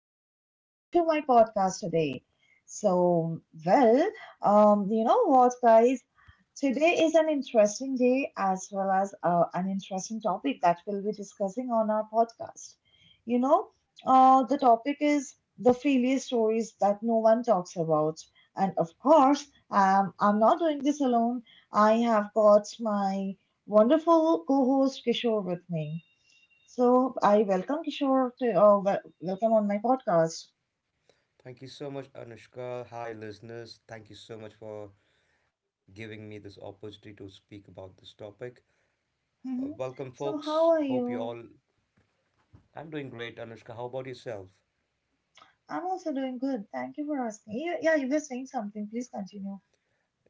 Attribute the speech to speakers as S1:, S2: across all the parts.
S1: and welcome back to my podcast today. So, well, you know what, guys? Today is an interesting day as well as an interesting topic that we'll be discussing on our podcast. You know, the topic is the failure stories that no one talks about. And of course, I'm not doing this alone. I have got my wonderful co host Kishore with me. So I welcome Kishore to welcome on my podcast.
S2: Thank you so much, Anushka. Hi, listeners. Thank you so much for giving me this opportunity to speak about this topic.
S1: Hmm.
S2: Welcome,
S1: So
S2: folks.
S1: how are
S2: Hope you
S1: you?
S2: all. I'm doing great, Anushka. How about yourself?
S1: I'm also doing good. Thank you for asking. Yeah, yeah, you were saying something. Please continue.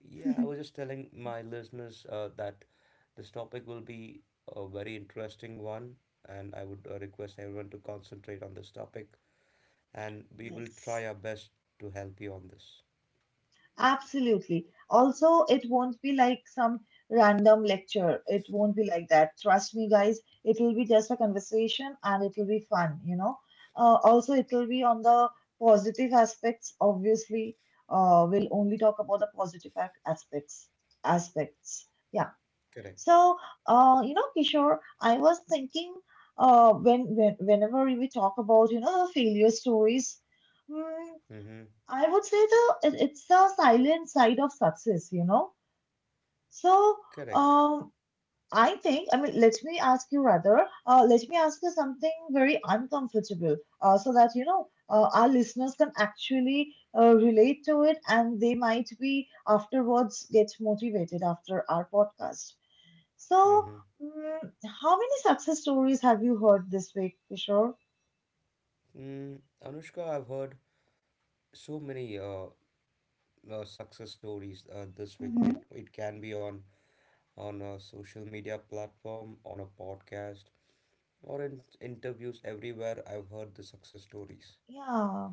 S2: Yeah, I was just telling my listeners that this topic will be a very interesting one, and I would request everyone to concentrate on this topic, and we will
S1: Yes,
S2: try our best to help you on this.
S1: absolutely. Also, it won't be like some random lecture. It won't be like that. Trust me, guys. It will be just a conversation and it will be fun. Also, it will be on the positive aspects. Obviously, we'll only talk about the positive aspects. Yeah.
S2: Correct.
S1: So, you know, Kishore, I was thinking, whenever we talk about, the failure stories, mm,
S2: Mm-hmm.
S1: I would say it's the silent side of success. So,
S2: Correct.
S1: um, I think, I mean, let me ask you rather, let me ask you something very uncomfortable, so that our listeners can actually relate to it, and they might be afterwards get motivated after our podcast. So,
S2: Mm-hmm.
S1: mm, how many success stories have you heard this week, Kishore?
S2: Mm, Anushka, I've heard so many success stories this week. It,
S1: Hmm.
S2: it can be on a social media platform, on a podcast, or in interviews everywhere. I've heard the success stories.
S1: Yeah.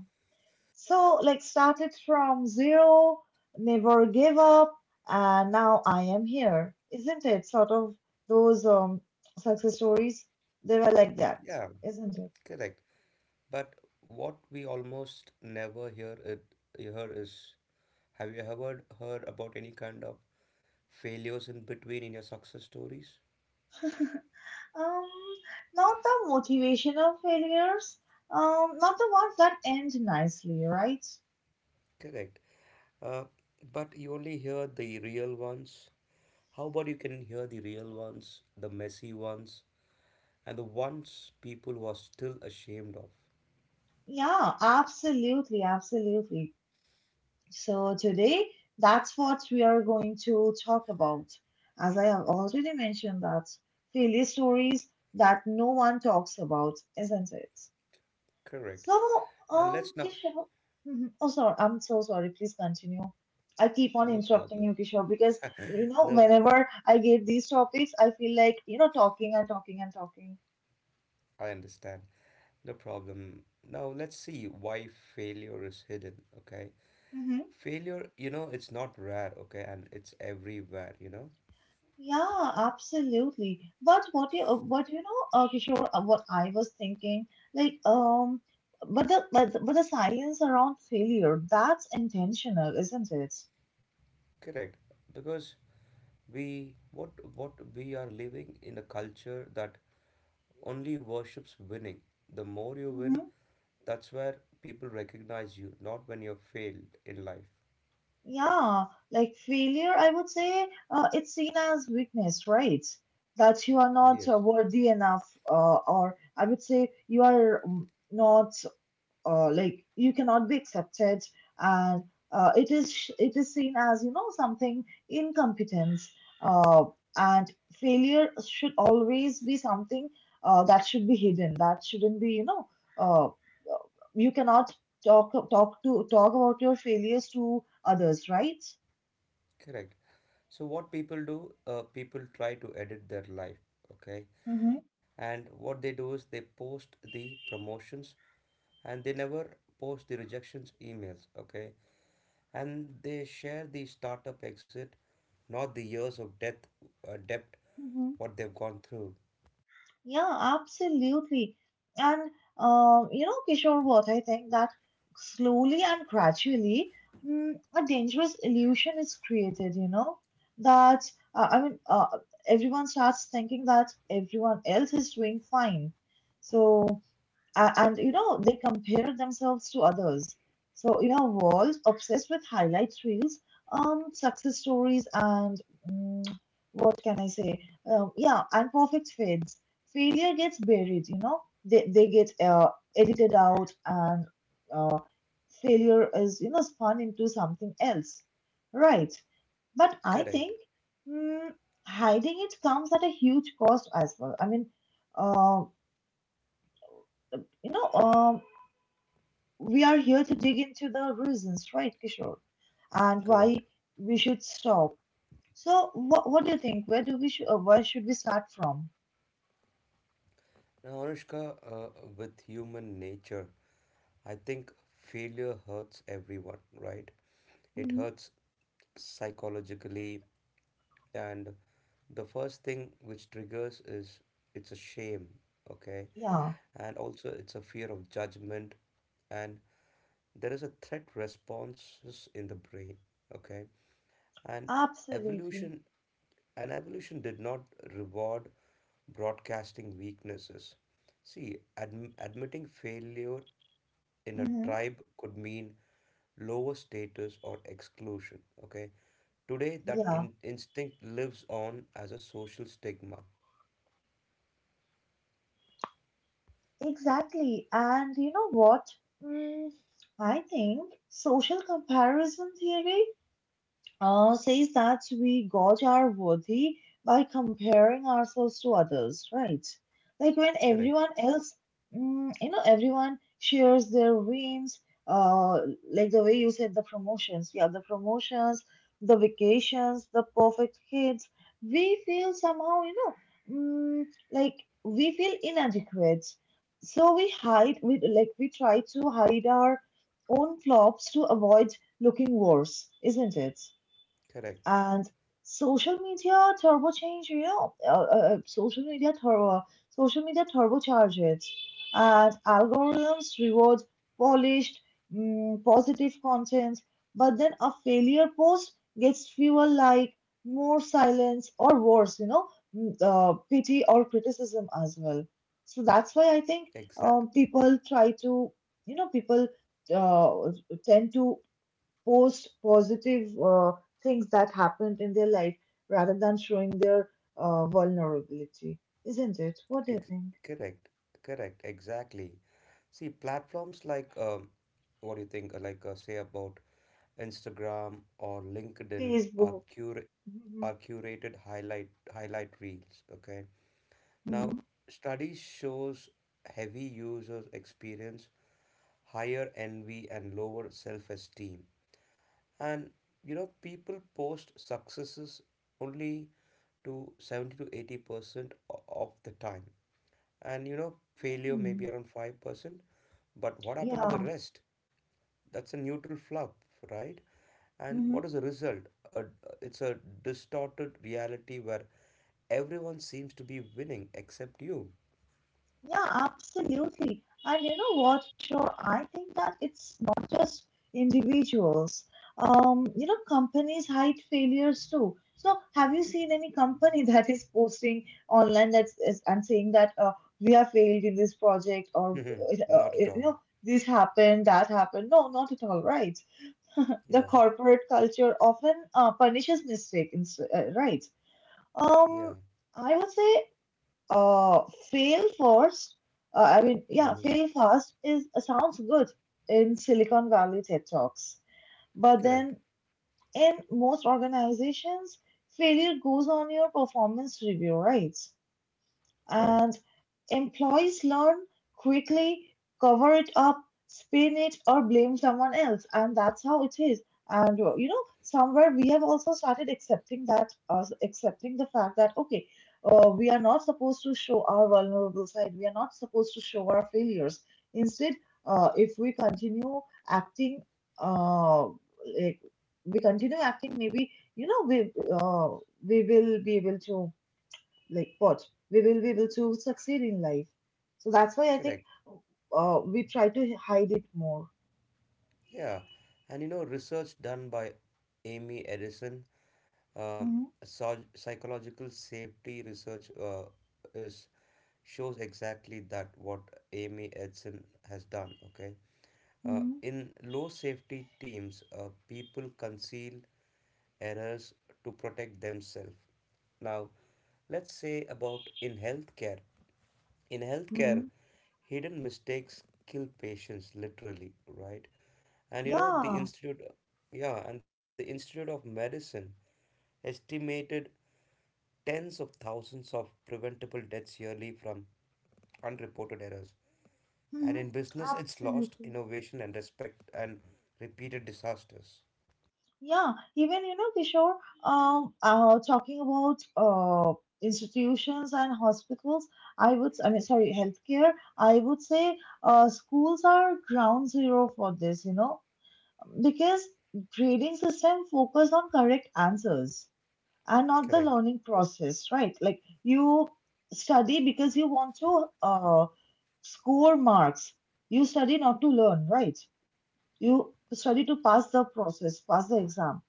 S1: So, like, started from zero, never gave up, and now I am here. Isn't it? Sort of those success stories, they were like that,
S2: Yeah,
S1: isn't it?
S2: correct. But what we almost never hear is have you ever heard about any kind of failures in between in your success stories?
S1: Um, not the motivational failures, not the ones that end nicely, right?
S2: Correct. Uh, but you only hear the real ones. How about you can hear the real ones, the messy ones, and the ones people were still ashamed of.
S1: Yeah, absolutely, absolutely. So, today, that's what we are going to talk about. As I have already mentioned, that failure stories that no one talks about, isn't it?
S2: Correct.
S1: So,
S2: And let's now,
S1: Kishore, mhm, oh, sorry, I'm so sorry. Please continue. I keep on
S2: no
S1: interrupting
S2: problem.
S1: you, Kishore, because
S2: No,
S1: whenever I get these topics, I feel like talking and talking and talking.
S2: I understand. No problem. Now let's see why failure is hidden, okay?
S1: Mm-hmm.
S2: Failure, you know, it's not rare, okay, and it's everywhere, you know?
S1: Yeah, absolutely. But what you what Kishore, what I was thinking, like um, but the science around failure, that's intentional, isn't it?
S2: Correct. Because we what we are living in a culture that only worships winning. The more you win,
S1: Mm-hmm.
S2: that's where people recognize you, not when you're failed in life.
S1: Yeah, like failure, I would say, it's seen as weakness, right? That you are not
S2: Yes,
S1: worthy enough, or I would say you are not like you cannot be accepted and it is seen as something incompetence uh, and failure should always be something that should be hidden, that shouldn't be uh, you cannot talk about your failures to others, right?
S2: correct. So what people do, people try to edit their life, okay? And what they do is they post the promotions and they never post the rejections emails, okay? And they share the startup exit, not the years of death, debt,
S1: Mm-hmm.
S2: what they've gone through.
S1: Yeah, absolutely. And you know, Kishore, what I think that slowly and gradually, a dangerous illusion is created. You know that uh, I mean, uh, everyone starts thinking that everyone else is doing fine. So a- and you know they compare themselves to others, so in a world obsessed with highlight reels, success stories and mm, what can I say yeah, and perfect fades, failure gets buried, you know, they get edited out and uh, failure is, you know, spun into something else, right? But I
S2: Correct,
S1: think, mm, hiding it comes at a huge cost as well, I mean, uh, you know um we are here to dig into the reasons, right, Kishore, and why
S2: correct.
S1: we should stop. So, what do you think? Where where should we start from?
S2: Now, Anushka, with human nature, I think failure hurts everyone, right? It
S1: Hmm.
S2: hurts psychologically. And the first thing which triggers is it's a shame, okay?
S1: Yeah.
S2: And also it's a fear of judgment and there is a threat responses in the brain, okay? And
S1: Absolutely.
S2: evolution evolution did not reward broadcasting weaknesses. See, admitting failure in a
S1: Hmm.
S2: tribe could mean lower status or exclusion. Okay. Today, that
S1: Yeah,
S2: instinct lives on as a social stigma.
S1: exactly. And you know what? Mm, I think social comparison theory says that we gauge our worthy by comparing ourselves to others, right? Like when
S2: Correct.
S1: everyone else, you know, everyone shares their wins, uh, like the way you said, the promotions, yeah, the promotions, the vacations, the perfect kids, we feel somehow, you know, like we feel inadequate. So we hide, we try to hide our own flops to avoid looking worse, isn't it?
S2: Correct.
S1: And social media turbo change, you know, uh, uh, uh, social media turbo, social media turbocharge it, and algorithms reward polished, positive content, but then a failure post gets fewer like more silence or worse, you know, pity or criticism as well. So that's why I think
S2: Exact.
S1: people try to, people uh, tend to post positive things that happened in their life rather than showing their vulnerability, isn't it? What do you
S2: Ex-
S1: think?
S2: correct. Correct. Exactly. See, platforms like, what do you think? Like, say about Instagram or LinkedIn are
S1: Facebook.
S2: cur
S1: Mhm,
S2: are curated highlight reels, okay? Now
S1: mhm.
S2: study shows heavy users experience higher envy and lower self-esteem, and you know people post successes only to 70 to 80% of the time, and you know failure maybe
S1: Hmm.
S2: around 5%. But what happened to the
S1: Yeah.
S2: rest? That's a neutral fluff, right? And what is
S1: Mhm.
S2: the result? uh, it's a distorted reality where everyone seems to be winning except you.
S1: Yeah, absolutely. And you know what, sure, I think that it's not just individuals. You know, companies hide failures too. So, have you seen any company that is posting online that's is, and saying that we have failed in this project or
S2: Mhm. Not at
S1: you
S2: all.
S1: know this happened, that happened? No, not at all, right? The
S2: Yeah,
S1: corporate culture often punishes mistake, right?
S2: yeah.
S1: Um, I would say uh fail first I mean yeah
S2: Hmm.
S1: fail fast is, sounds good in Silicon Valley TED talks, but then
S2: Correct,
S1: in most organizations failure goes on your performance review, right?
S2: correct,
S1: And employees learn quickly, cover it up, spin it, or blame someone else, and that's how it is. And you know, somewhere we have also started accepting that, accepting the fact that okay, we are not supposed to show our vulnerable side. We are not supposed to show our failures. Instead, if we continue acting, uh, like we continue acting, maybe you know uh, we will be able to like what we will be able to succeed in life. So that's why I think
S2: correct.
S1: we try to hide it more.
S2: Yeah. And you know, research done by Amy Edison, um,
S1: Mm-hmm,
S2: psychological safety research is shows exactly that what Amy Edison has done. Okay.
S1: mm-hmm,
S2: In low safety teams, people conceal errors to protect themselves. Now, let's say about in healthcare. In healthcare,
S1: mm-hmm.
S2: hidden mistakes kill patients literally, right? And you know,
S1: Yeah,
S2: Yeah, and the Institute of Medicine estimated tens of thousands of preventable deaths yearly from unreported errors. And
S1: mm-hmm,
S2: in business, it's lost
S1: absolutely.
S2: innovation and respect and repeated disasters.
S1: Yeah, even you know, Kishore, talking about institutions and hospitals, I would, I mean, sorry, healthcare, I would say schools are ground zero for this, you know, because grading system focus on correct answers are not the
S2: Correct.
S1: learning process, right? Like you study because you want to score marks. You study not to learn, right? You study to pass the process, pass the exam.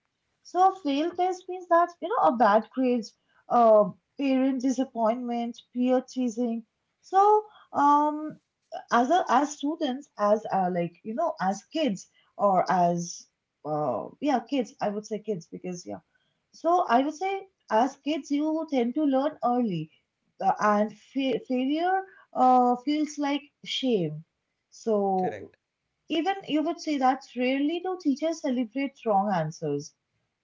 S1: So a failed test means that you know a bad grades, uh, parent disappointment, peer teasing. So um, as a, as students as like you know as kids or as yeah kids, I would say kids because yeah, so I would say as kids you tend to learn early, failure feels like shame. So
S2: Correct.
S1: even you would say that rarely do teachers celebrate wrong answers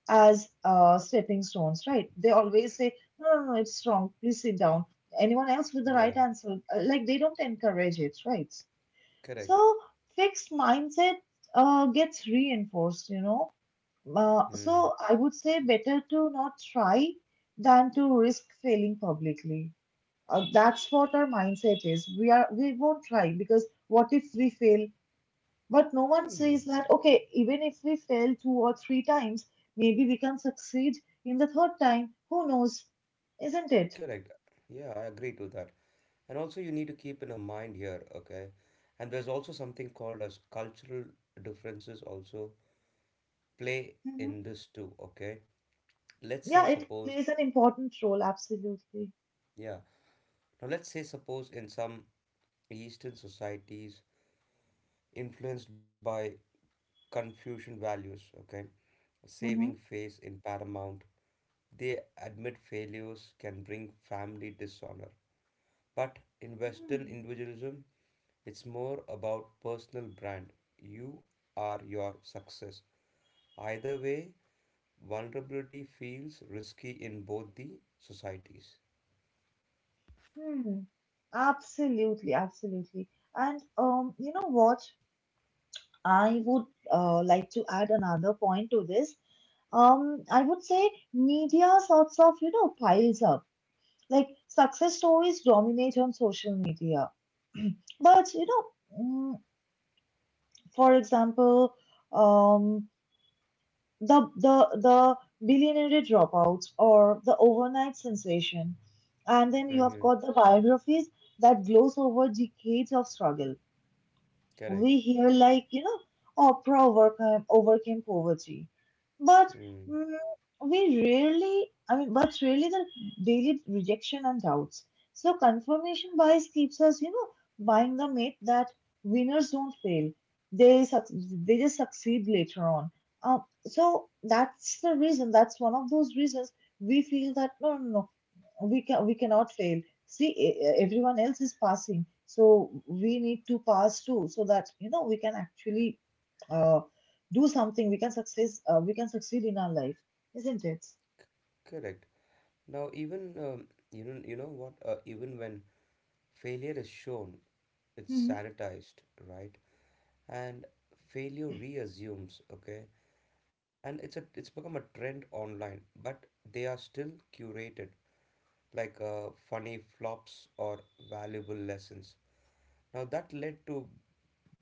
S1: as stepping stones, right? They always say no, no, no, it's wrong, please sit down, anyone else with the
S2: Yeah.
S1: right answer? They don't encourage it, right? So
S2: Correct.
S1: fixed mindset gets reinforced.
S2: Hmm.
S1: So I would say better to not try than to risk failing publicly. That's what our mindset is. We won't try because what if we fail? But no one
S2: Hmm.
S1: says that okay, even if we fail two or three times, maybe we can succeed in the third time. Who knows? Isn't it?
S2: Correct. Yeah, I agree to that. And also you need to keep in a mind here, okay? And there's also something called as cultural differences also play
S1: Hmm.
S2: in this too, okay? Let's say
S1: Yeah, it
S2: suppose,
S1: plays an important role, absolutely.
S2: yeah. Now let's say suppose in some Eastern societies influenced by Confucian values, okay? Saving face in paramount. They admit failures can bring family dishonor. But in Western
S1: Hmm.
S2: individualism, it's more about personal brand. You are your success. Either way, vulnerability feels risky in both the societies.
S1: Hmm. Absolutely, absolutely. And you know what? I would like to add another point to this. I would say media sorts of, you know, piles up. Like success stories dominate on social media. But you know, mm, for example, um, the the the billionaire dropout or the overnight sensation, and then you have
S2: Mm-hmm.
S1: got the biographies that gloss over decades of struggle. We
S2: Correct.
S1: hear like you know Oprah overcame poverty, but
S2: Mm.
S1: mm, we really I mean but really the daily rejection and doubts. So confirmation bias keeps us, you know, buying the myth that winners don't fail they suc they just succeed later on. So that's the reason, that's one of those reasons we feel that no, no, no, we cannot fail. See, everyone else is passing so we need to pass too, so that you know we can actually uh, do something, we can succeed in our life, isn't it?
S2: Correct. Now, even you know what? Even when failure is shown, it's
S1: Hmm.
S2: sanitized, right? And failure reassumes. Okay, and it's a it's become a trend online, but they are still curated, like funny flops or valuable lessons. Now that led to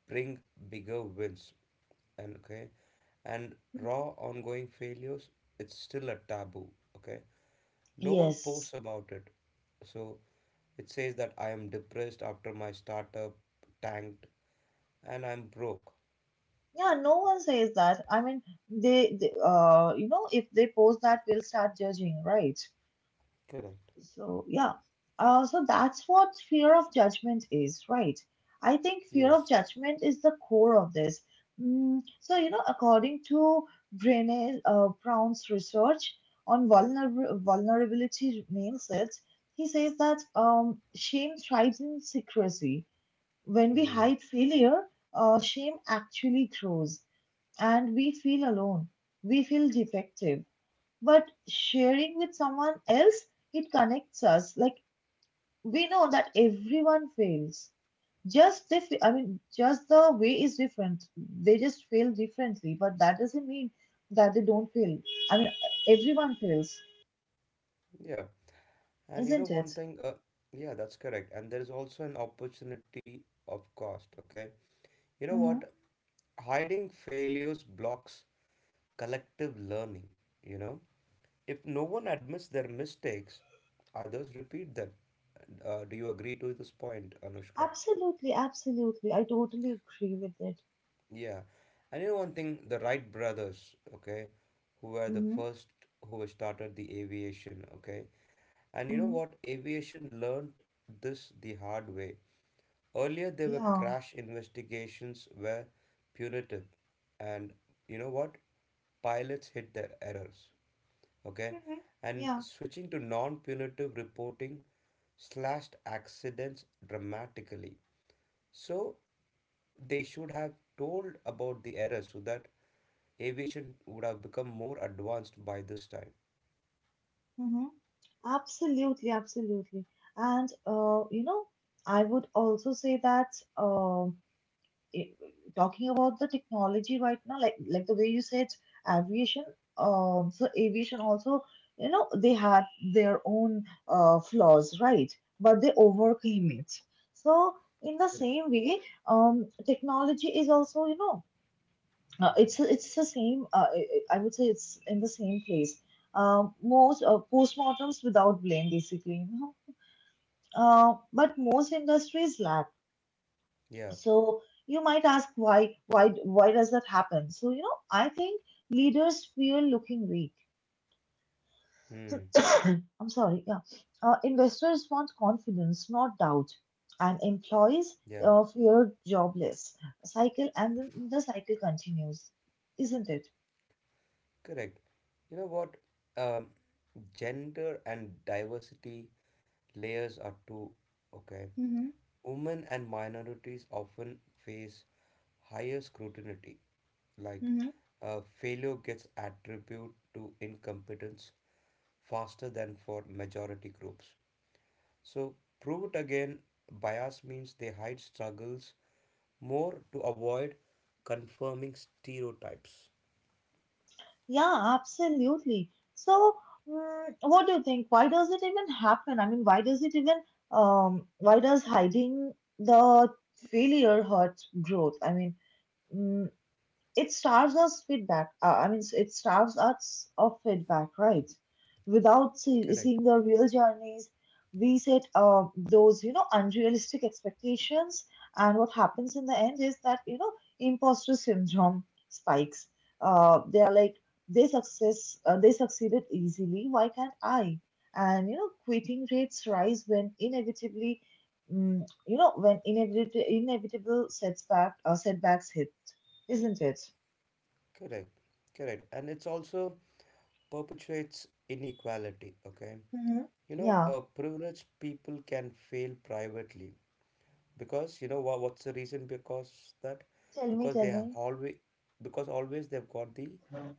S2: bring bigger wins and okay and raw ongoing failures it's still a taboo, okay, no one
S1: Yes.
S2: posts about it. So it says that I am depressed after my startup tanked and I'm broke.
S1: Yeah, no one says that, I mean, they. They you know, if they post that, we'll start judging, right?
S2: Correct.
S1: So, yeah. So that's what fear of judgment is, right? I think fear
S2: Yes.
S1: of judgment is the core of this. So, you know, according to Brené Brown's research on vulnerability mindsets, he says that shame thrives in secrecy. When we
S2: Hmm.
S1: hide failure, shame actually grows and we feel alone. We feel defective, but sharing with someone else, it connects us. Like we know that everyone fails. Just they, fe- I mean, just the way is different. They just fail differently, but that doesn't mean that they don't fail. I mean, everyone fails,
S2: Yeah. And you know
S1: isn't
S2: one
S1: it?
S2: thing, yeah, that's correct. And there is also an opportunity of cost, okay? You know
S1: Mm-hmm.
S2: what? Hiding failures blocks collective learning, you know? If no one admits their mistakes, others repeat them. Do you agree to this point, Anushka?
S1: Absolutely, absolutely. I totally agree with it.
S2: Yeah, and you know one thing, the Wright brothers, okay, who were the
S1: Mm-hmm.
S2: first who started the aviation, okay, and you know
S1: Mm-hmm.
S2: what, aviation learned this the hard way. Earlier, there were
S1: Yeah.
S2: crash investigations were punitive, and you know what, pilots hid their errors, okay,
S1: Mm-hmm.
S2: and
S1: Yeah.
S2: switching to non-punitive reporting slashed accidents dramatically. So they should have told about the error so that aviation would have become more advanced by this time.
S1: Mm-hmm. Absolutely, absolutely. And you know, I would also say that Um, i- talking about the technology right now, like the way you said aviation, so aviation also, you know, they had their own flaws, right? But they overcame it. So in the
S2: Correct.
S1: same way, technology is also, you know, it's the same. I would say it's in the same place. Most postmortems without blame, basically, you know. But most industries lack,
S2: Yeah.
S1: so you might ask why does that happen? So you know, I think leaders fear looking weak.
S2: Hmm.
S1: I'm sorry. Yeah. Investors want confidence, not doubt, and
S2: Yeah.
S1: employees fear jobless cycle, and then the cycle continues, isn't it?
S2: Correct. You know what? Um, gender and diversity layers are too okay.
S1: Mm-hmm.
S2: Women and minorities often face higher scrutiny, like failure gets attributed to incompetence faster than for majority groups. So, prove it again bias means they hide struggles more to avoid confirming stereotypes.
S1: Yeah, absolutely. So, what do you think? Why does it even happen? I mean, why does hiding the failure hurt growth? Mm it starves us feedback. I mean, it starves us of feedback, right? Without
S2: Correct,
S1: seeing the real journeys, we set those you know unrealistic expectations, and what happens in the end is that you know imposter syndrome spikes. They are like they success They succeeded easily. Why can't I? And you know, quitting rates rise when inevitably, mm, you know, when inevitable inevitable setbacks hit, isn't it?
S2: correct, correct. And it's also perpetuates inequality, okay?
S1: Hmm.
S2: You know,
S1: Yeah.
S2: privileged people can fail privately because, you know, what's the reason because that?
S1: Tell me,
S2: Because
S1: tell
S2: they have
S1: me.
S2: always, because always they've got the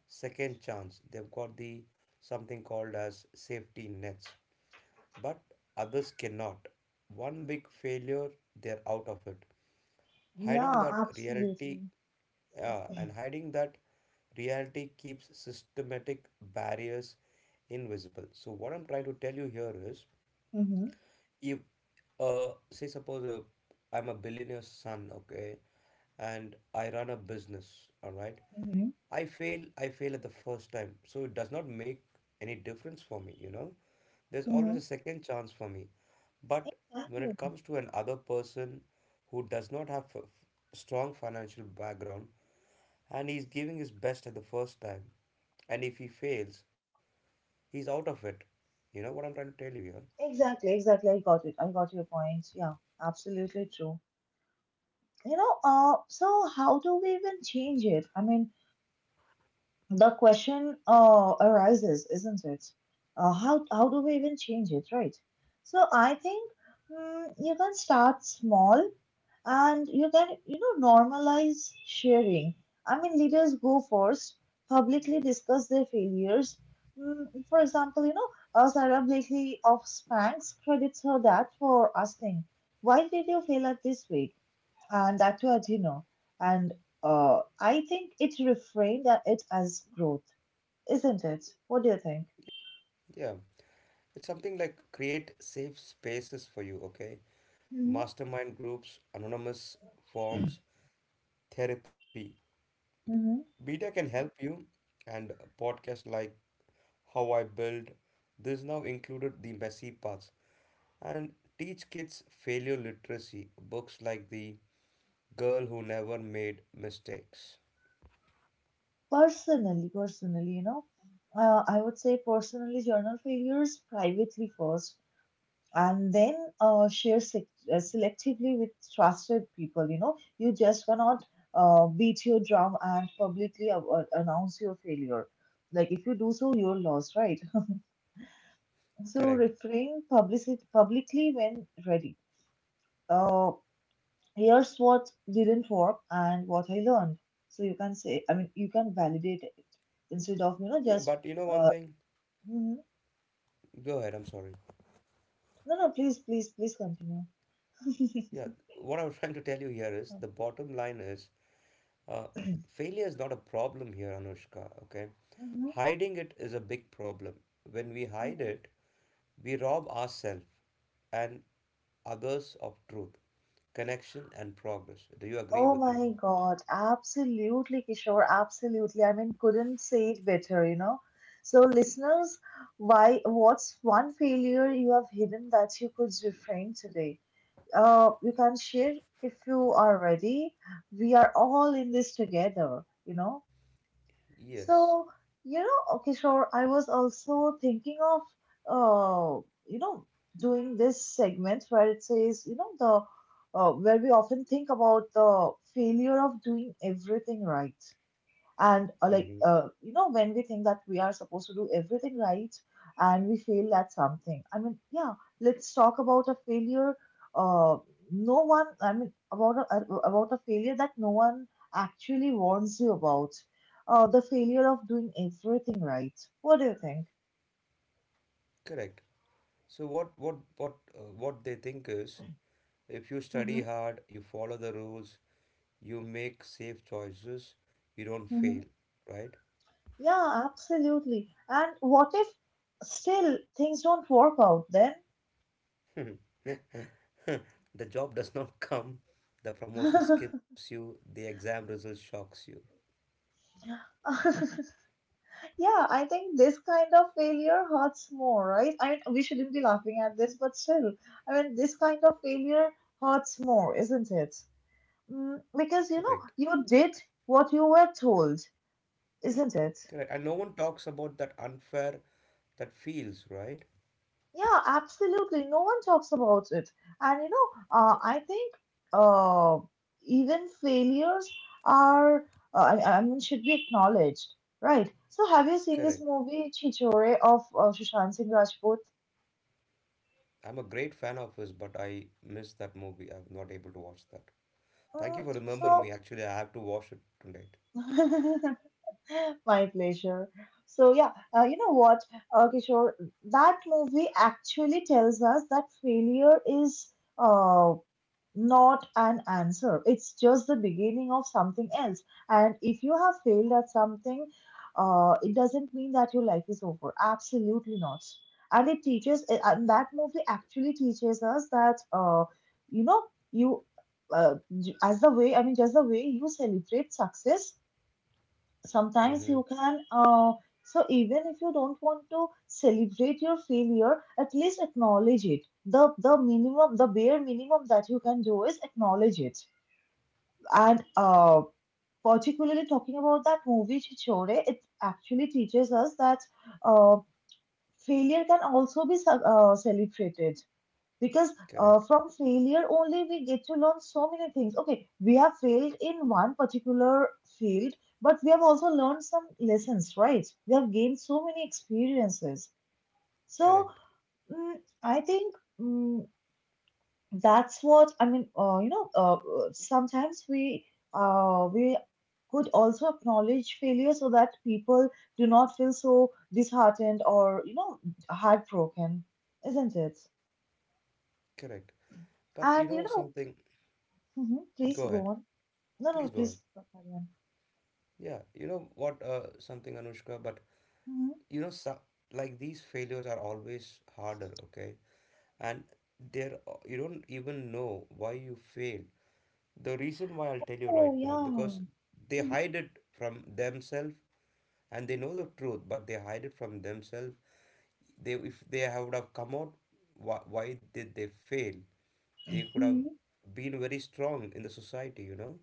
S2: second chance. They've got the something called as safety nets. But others cannot. One big failure, they're out of it. Hiding
S1: Yeah,
S2: that reality,
S1: absolutely.
S2: and hiding that reality keeps systematic barriers invisible. So, what I'm trying to tell you here is
S1: Mm-hmm.
S2: if, say, suppose I'm a billionaire's son, okay, and I run a business, all right,
S1: Mm-hmm.
S2: I fail at the first time. So, it does not make any difference for me, you know. There's always
S1: Mm-hmm.
S2: a second chance for me. But when
S1: Exactly.
S2: it comes to another person who does not have a strong financial background and he's giving his best at the first time, and if he fails, he's out of it. You know what I'm trying to tell you here?
S1: Exactly, exactly. I got it. I got your point. Yeah, absolutely true. You know, so how do we even change it? I mean, the question arises, isn't it? How do we even change it, right? So I think, you can start small and you can you know normalize sharing. I mean, leaders go first, publicly discuss their failures. Mm, for example, you know, Sarah Blakely of Spanx credits her dad for asking, why did you fail at this week? And that too at dinner. And I think it reframed at it as growth, isn't it? What do you think?
S2: Yeah, it's something like create safe spaces for you, okay?
S1: Hmm.
S2: Mastermind groups, anonymous forms, therapy.
S1: Hmm.
S2: Beta can help you, and podcasts like How I Build. This now included the messy parts, and teach kids failure literacy, books like The Girl Who Never Made Mistakes.
S1: Personally, you know, I would say, personally journal failures privately first, and then selectively with trusted people. You know, you just cannot beat your drum and publicly announce your failure. Like if you do so, you're lost, right? So
S2: Correct.
S1: refrain publicity publicly when ready. Uh, here's what didn't work and what I learned. So you can say, I mean, you can validate it instead of you know
S2: Yeah,
S1: just.
S2: but you know one
S1: Uh,
S2: thing?
S1: mhm.
S2: Go ahead, I'm sorry.
S1: No, no, please, please, please continue.
S2: Yeah, what I was trying to tell you here is
S1: Mhm,
S2: the bottom line is uh, failure is not a problem here, Anushka, okay? Hiding it is a big problem. When we hide
S1: mhm.
S2: it, we rob ourselves and others of truth, connection, and progress. Do you agree
S1: Oh
S2: with me?
S1: my God, absolutely, Kishore, absolutely. I mean, couldn't say it better, you know. So, listeners, what's one failure you have hidden that you could reframe today? You can share if you are ready. We are all in this together, you know.
S2: Yes.
S1: So, you know, okay, sure. I was also thinking of, uh, you know, doing this segment where it says, you know, the where we often think about the failure of doing everything right. And
S2: Mm-hmm.
S1: you know, when we think that we are supposed to do everything right and we fail at something, I mean, yeah, let's talk about a failure. Uh, no one, I mean, About about a failure that no one actually warns you about. The failure of doing everything right. What do you think?
S2: Correct. So what they think is, if you study
S1: Mm-hmm.
S2: hard, you follow the rules, you make safe choices, you don't
S1: Mm-hmm.
S2: fail, right?
S1: Yeah, absolutely. And what if still things don't work out then?
S2: The job does not come, the promotion skips you, the exam result shocks you.
S1: Yeah, I think this kind of failure hurts more, right? I mean, we shouldn't be laughing at this, but still, I mean, this kind of failure hurts more, isn't it? Mm, because, you know,
S2: Correct.
S1: you did what you were told, isn't it?
S2: Correct. And no one talks about that unfair that feels, right?
S1: Yeah, absolutely. No one talks about it. And, you know, I think uh, even failures are, I mean, should be acknowledged, right? So, have you seen this
S2: Correct.
S1: movie, Chichore, of Sushant Singh Rajput?
S2: I'm a great fan of his, but I missed that movie. I'm not able to watch that. Thank you
S1: Mm,
S2: for remembering me.
S1: so,
S2: Actually, I have to watch it tonight.
S1: my pleasure. So yeah, you know what, Kishore, that movie actually tells us that failure is uh, not an answer. It's just the beginning of something else. And if you have failed at something, it doesn't mean that your life is over. Absolutely not. And it teaches, and that movie actually teaches us that, you know, you, uh, as the way, I mean, just the way you celebrate success sometimes
S2: Mm-hmm.
S1: you can, so even if you don't want to celebrate your failure, at least acknowledge it. The minimum, the bare minimum that you can do is acknowledge it. And particularly talking about that movie Chichore, it actually teaches us that uh, failure can also be celebrated, because
S2: Correct,
S1: from failure only we get to learn so many things. Okay, we have failed in one particular field, but we have also learned some lessons, right? We have gained so many experiences. So,
S2: correct,
S1: mm, I think, mm, that's what I mean. Sometimes we, uh, we could also acknowledge failure so that people do not feel so disheartened, or you know, heartbroken, isn't it?
S2: correct. But you
S1: And you
S2: know
S1: know,
S2: something,
S1: mhm, please
S2: go
S1: go
S2: ahead.
S1: on. No,
S2: Please
S1: no,
S2: go
S1: please,
S2: ahead.
S1: Parveen.
S2: Yeah, you know what, something, Anushka, but
S1: Mhm.
S2: you know, so, like these failures are always harder, okay? And there, you don't even know why you failed. The reason why I'll tell you right
S1: Oh,
S2: now, because
S1: yeah.
S2: they hide it from themselves, and they know the truth, but they hide it from themselves. They if they would have come out why did they fail, they could have
S1: Mhm.
S2: been very strong in the society, you know.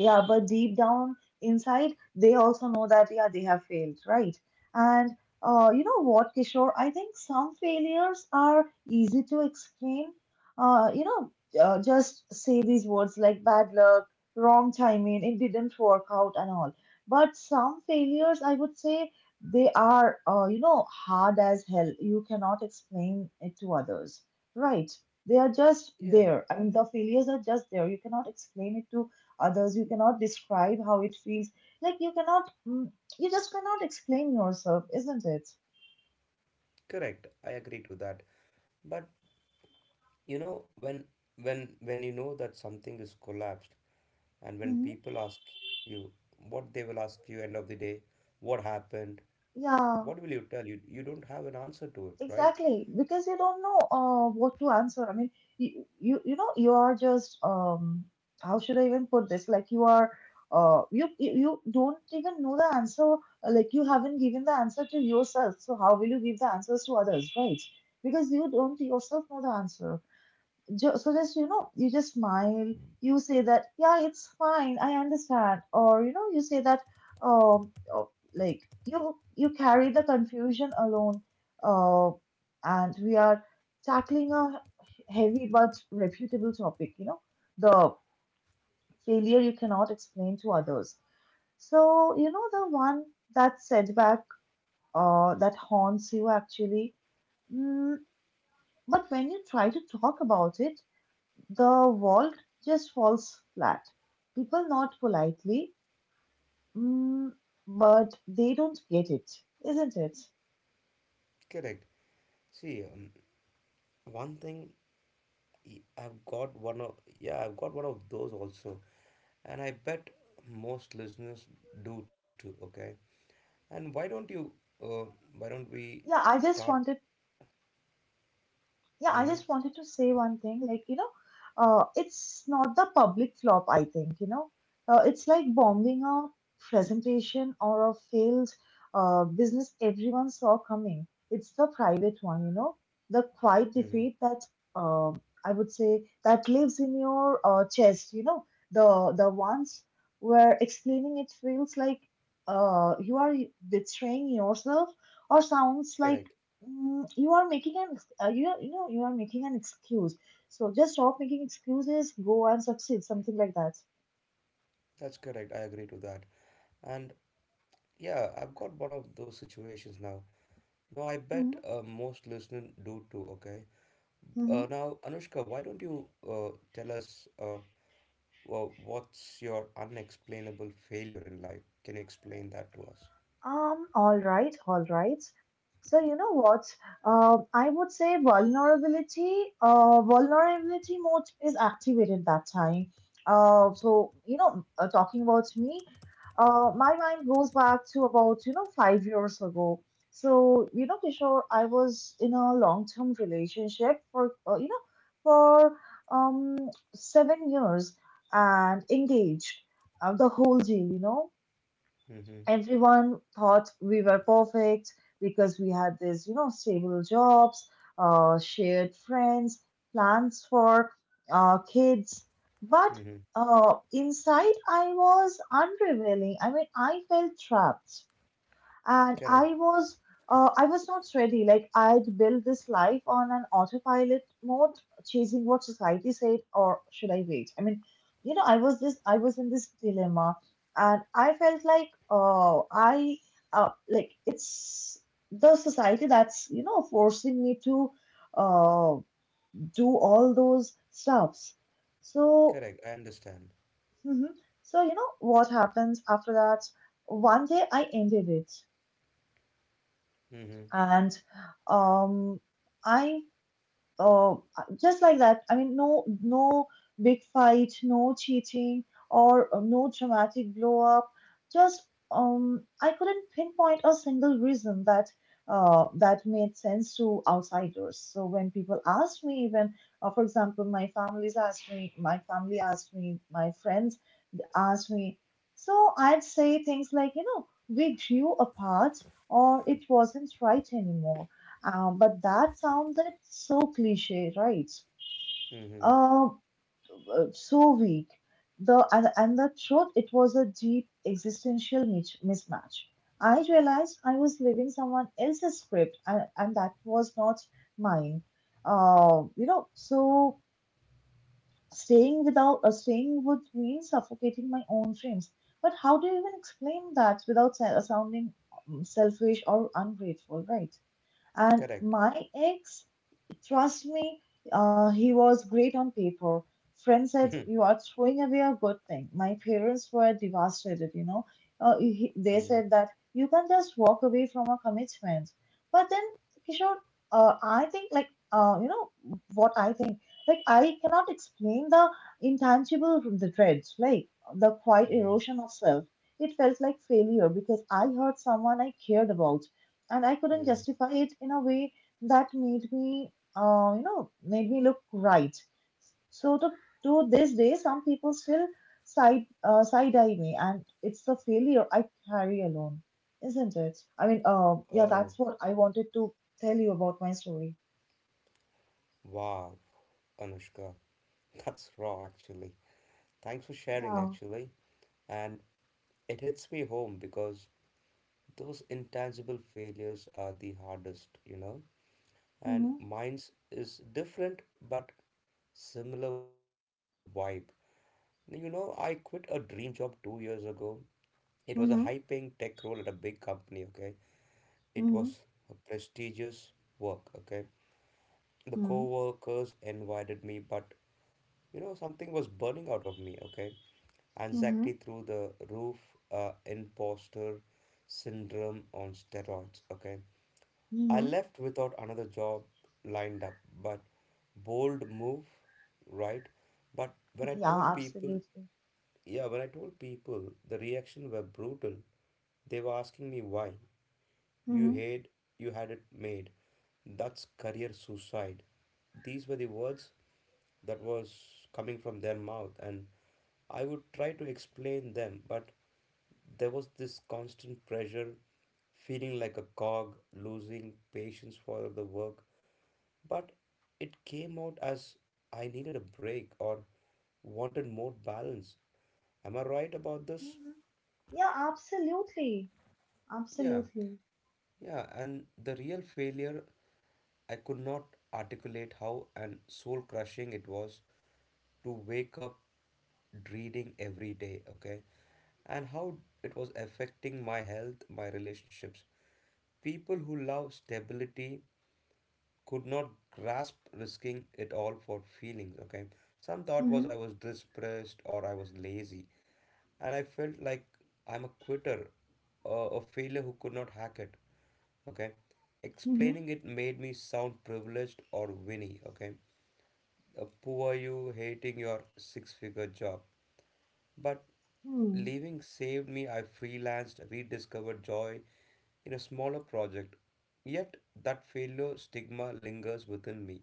S1: Yeah, but deep down inside, they also know that, yeah, they have failed, right? And you know what, Kishore? I think some failures are easy to explain. Uh, you know, just say these words like bad luck, wrong timing, it didn't work out, and all. But some failures, I would say, they are, you know, hard as hell. You cannot explain it to others, right? They are just
S2: Yeah,
S1: there. I mean, the failures are just there. You cannot explain it to others. You cannot describe how it feels. Like you cannot, you just cannot explain yourself, isn't it?
S2: correct, I agree to that. But you know when when when you know that something is collapsed and when
S1: Hmm.
S2: people ask you what they will ask you end of the day what happened,
S1: Yeah,
S2: what will you tell? You don't have an answer to it, right?
S1: exactly, because you don't know what to answer. I mean, you, you know you are just, how should I even put this? Like you are, you you don't even know the answer. Uh, like you haven't given the answer to yourself, so how will you give the answers to others, right? Because you don't yourself know the answer. So just, you know, you just smile. You say that, yeah, it's fine, I understand. Or you know, you say that, um oh, like you carry the confusion alone. Uh, and we are tackling a heavy but reputable topic, you know, the failure you cannot explain to others. So you know, the one, that setback, that haunts you actually. Mm, but when you try to talk about it, the world just falls flat. People not politely, mm, but they don't get it, isn't it?
S2: Correct. See one thing y- I've got one of yeah I've got one of those also, and I bet most listeners do too. Okay, and why don't you? Uh, why don't we
S1: Yeah, I just
S2: start?
S1: wanted Yeah, I
S2: Mm-hmm,
S1: just wanted to say one thing. Like, you know, it's not the public flop, I think, you know. It's like bombing a presentation or a failed business everyone saw coming. It's the private one, you know, the quiet
S2: mm-hmm.
S1: defeat that uh, I would say that lives in your chest, you know, the ones where explaining it feels like you are betraying yourself, or sounds like,
S2: Correct.
S1: You are making an you are, you know, you are making an excuse. So just stop making excuses. Go and succeed. Something like that.
S2: That's correct. I agree to that. And yeah, I've got one of those situations now. No, I bet most listeners do too. Okay.
S1: Mm-hmm.
S2: Now, Anushka, why don't you tell us what's your unexplainable failure in life? Can you explain that to us?
S1: All right, all right. So you know what? I would say vulnerability, vulnerability mode is activated that time. So you know, talking about me, my mind goes back to about you know 5 years ago. So you know, Kishore, I was in a long-term relationship for you know for um 7 years and engaged, the whole deal, you know,
S2: Mm-hmm.
S1: everyone thought we were perfect because we had this, you know, stable jobs, shared friends, plans for kids.
S2: Mm-hmm.
S1: But inside, I was unrevealing. I mean, I felt trapped and
S2: Correct.
S1: I was, I was not ready. Like I'd built this life on an autopilot mode, chasing what society said, or should I wait? I mean, you know, I was in this dilemma, and I felt like, oh, I like it's the society that's you know forcing me to uh, do all those stuffs. So,
S2: Correct. I understand.
S1: mhm. So you know what happens after that? One day I ended it.
S2: Mm-hmm.
S1: And um, I uh, just like that. I mean, no big fight, no cheating, or no dramatic blow up. Just, I couldn't pinpoint a single reason that that made sense to outsiders. So when people asked me, even for example, my family asked me, my friends asked me. So I'd say things like, you know, we grew apart, or it wasn't right anymore but that sounds like so cliche, right?
S2: Mm-hmm.
S1: Um, so weak. The and the truth, it was a deep existential mismatch. I realized I was living someone else's script, and that was not mine. So staying without staying would mean suffocating my own dreams. But how do you even explain that without sounding selfish or ungrateful, right? And
S2: Correct.
S1: my ex trust me, he was great on paper. Friends said,
S2: Mhm.
S1: "You are throwing away a good thing." My parents were devastated, you know. They
S2: Mhm.
S1: said that you can just walk away from a commitment. But then, Kishore, uh, I think, like, uh, you know, what I think, I cannot explain the intangible the dreads, like, the quiet
S2: Mhm.
S1: erosion of self. It felt like failure because I hurt someone I cared about, and I couldn't
S2: Mhm.
S1: justify it in a way that made me made me look right. So to this day, some people still side eye me, and it's the failure I carry alone, isn't it? I mean, yeah,
S2: Oh,
S1: that's what I wanted to tell you about my story.
S2: wow, Anushka. That's raw, actually. Thanks for sharing,
S1: Yeah.
S2: actually. And it hits me home because those intangible failures are the hardest, you know? And
S1: Mm-hmm.
S2: mine's is different but similar vibe. You know, I quit a dream job 2 years ago. It was a
S1: Mm-hmm.
S2: high-paying tech role at a big company, okay? It was
S1: Mm-hmm.
S2: a prestigious work, okay? The
S1: Mm-hmm.
S2: co-workers invited me, but you know something was burning out of me, okay?
S1: Mm-hmm.
S2: Anxiety through the roof, imposter syndrome on steroids, okay? I
S1: Mm-hmm.
S2: left without another job lined up, but bold move, right? But when I
S1: Yeah,
S2: told people,
S1: absolutely.
S2: yeah, when I told people the reaction were brutal. They were asking me why. You
S1: Mm-hmm.
S2: had, you had it made. That's career suicide. These were the words that was coming from their mouth, and I would try to explain them, but there was this constant pressure, feeling like a cog, losing patience for the work. But it came out as I needed a break or wanted more balance. Am I right about this?
S1: Mm-hmm. Yeah, absolutely.
S2: Yeah,
S1: Absolutely.
S2: yeah, and the real failure, I could not articulate how and soul crushing it was to wake up reading every day, okay? And how it was affecting my health, my relationships. People who love stability could not grasp risking it all for feelings, okay? Some thought was
S1: Mm-hmm.
S2: I was depressed or I was lazy, and I felt like I'm a quitter, a failure who could not hack it. Okay, explaining it made me sound privileged or winy. Okay, poor you hating your six-figure job, but
S1: Mm-hmm.
S2: leaving saved me. I freelanced, rediscovered joy in a smaller project. Yet that failure stigma lingers within me,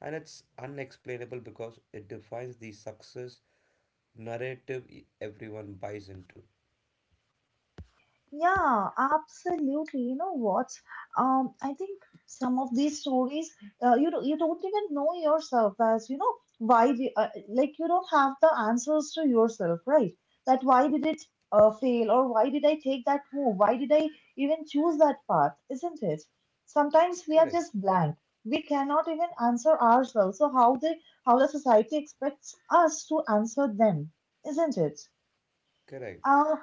S2: and it's unexplainable because it defines the success narrative everyone buys into.
S1: Yeah, absolutely. You know what? I think some of these stories, you don't even know yourself as you know why the like you don't have the answers to yourself, right? That why did it fail or why did I take that move? Why did I even choose that path? Isn't it? Sometimes we are
S2: Correct,
S1: just blank. We cannot even answer ourselves. So how the society expects us to answer them, isn't it?
S2: correct.
S1: Uh,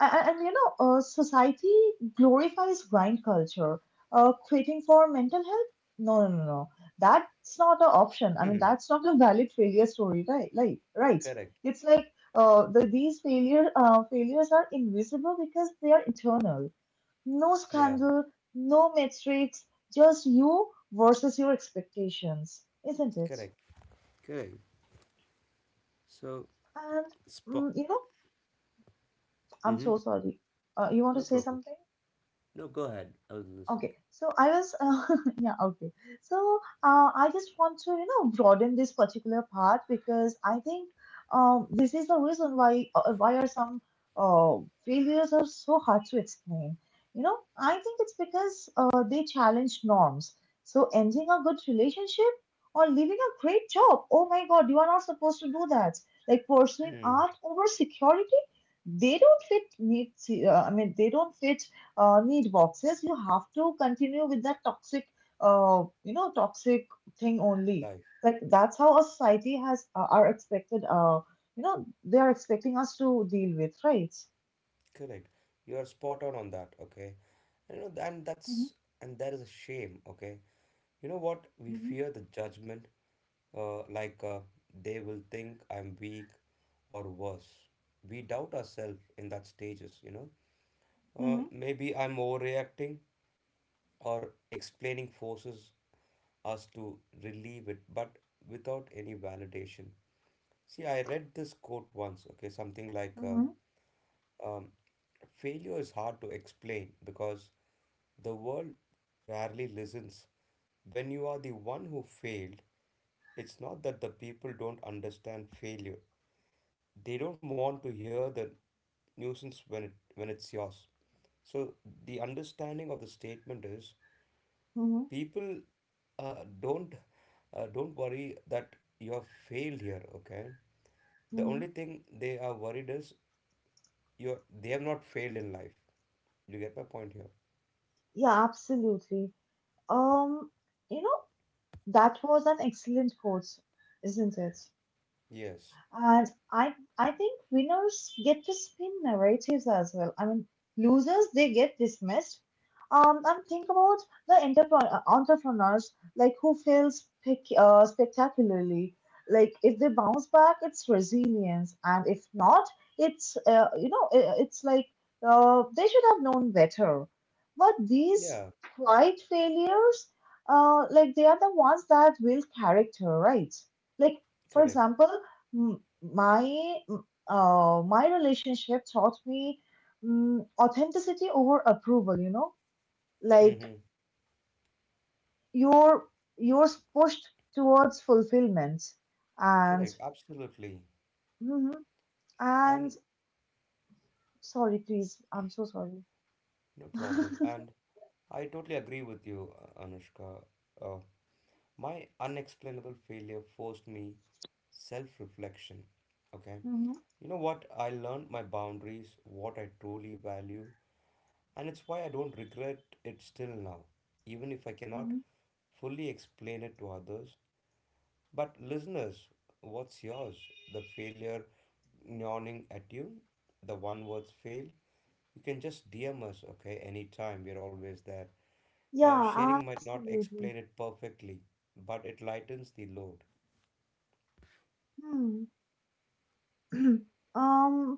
S1: and you know, society glorifies grind culture. Quitting for mental health? No, no, no, no. That's not an option. I mean,
S2: Hmm.
S1: that's not a valid failure story, right? Like, right?
S2: Correct.
S1: It's like the, these failures are invisible because they are internal. No
S2: Yeah,
S1: scandal, no metrics, just you versus your expectations, isn't it?
S2: correct, correct. So,
S1: And
S2: spot.
S1: you know, I'm
S2: Hmm.
S1: so sorry. You want to
S2: No
S1: say
S2: problem.
S1: something?
S2: No, go ahead. I was listening.
S1: Okay, so I was, yeah, okay. So I just want to, you know, broaden this particular part because I think this is the reason why are some uh, failures are so hard to explain. You know, I think it's because they challenge norms. So ending a good relationship or leaving a great job. Oh my God, you are not supposed to do that. Like pursuing
S2: Hmm.
S1: art over security, they don't fit needs. I mean, they don't fit need boxes, you have to continue with that toxic, toxic thing only.
S2: Life.
S1: Like that's how a society has are expected. You know, they are expecting us to deal with, right?
S2: Correct. You are spot on that. Okay. And you know, and
S1: Mm-hmm.
S2: that is a shame. Okay. You know what? We fear the judgment. Like they will think I'm weak, or worse. We doubt ourselves in that stages. You know.
S1: Mm-hmm.
S2: Maybe I'm overreacting, or explaining forces us to relieve it, but without any validation. See, I read this quote once, okay, something like
S1: Mm-hmm.
S2: um, failure is hard to explain because the world rarely listens. When you are the one who failed, it's not that the people don't understand failure. They don't want to hear the nuisance when it's yours. So the understanding of the statement is
S1: Mm-hmm. Hmm.
S2: people uh, don't don't worry that you have failed here, okay? The
S1: Hmm.
S2: only thing they are worried is you, they have not failed in life. You get my point here?
S1: Yeah, absolutely. Um, you know, that was an excellent quote, isn't it?
S2: Yes.
S1: And I think winners get to spin narratives as well. I mean, losers they get dismissed. And think about the entrepreneurs like who fails spectacularly. Like if they bounce back, it's resilience, and if not, it's it's like they should have known better. But these
S2: Yeah,
S1: quiet failures, like they are the ones that build character, right? Like for
S2: correct.
S1: example my my relationship taught me authenticity over approval, you know, like
S2: Mm-hmm.
S1: you're you're pushed towards fulfillment and
S2: Correct, absolutely.
S1: mhm,
S2: And
S1: and sorry please I'm so sorry.
S2: no
S1: Hmm.
S2: problem. And I totally agree with you, Anushka. uh, My unexplainable failure forced me self reflection. Okay. You know what? I learned my boundaries, what I truly value, and it's why I don't regret it still now, even if I cannot
S1: Hmm.
S2: fully explain it to others. But listeners, what's yours? The failure yawning at you? The one words fail? You can just DM us, okay? Anytime, we're always there.
S1: Yeah,
S2: Sharing might not
S1: absolutely.
S2: explain it perfectly, but it lightens the load.
S1: Hmm. Um,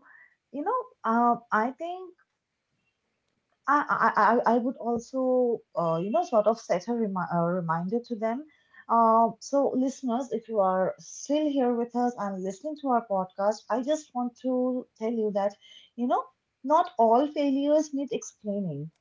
S1: you know, I think I would also, you know, sort of set a reminder to them. So, listeners, if you are still here with us and listening to our podcast, I just want to tell you that, you know, not all failures need explaining.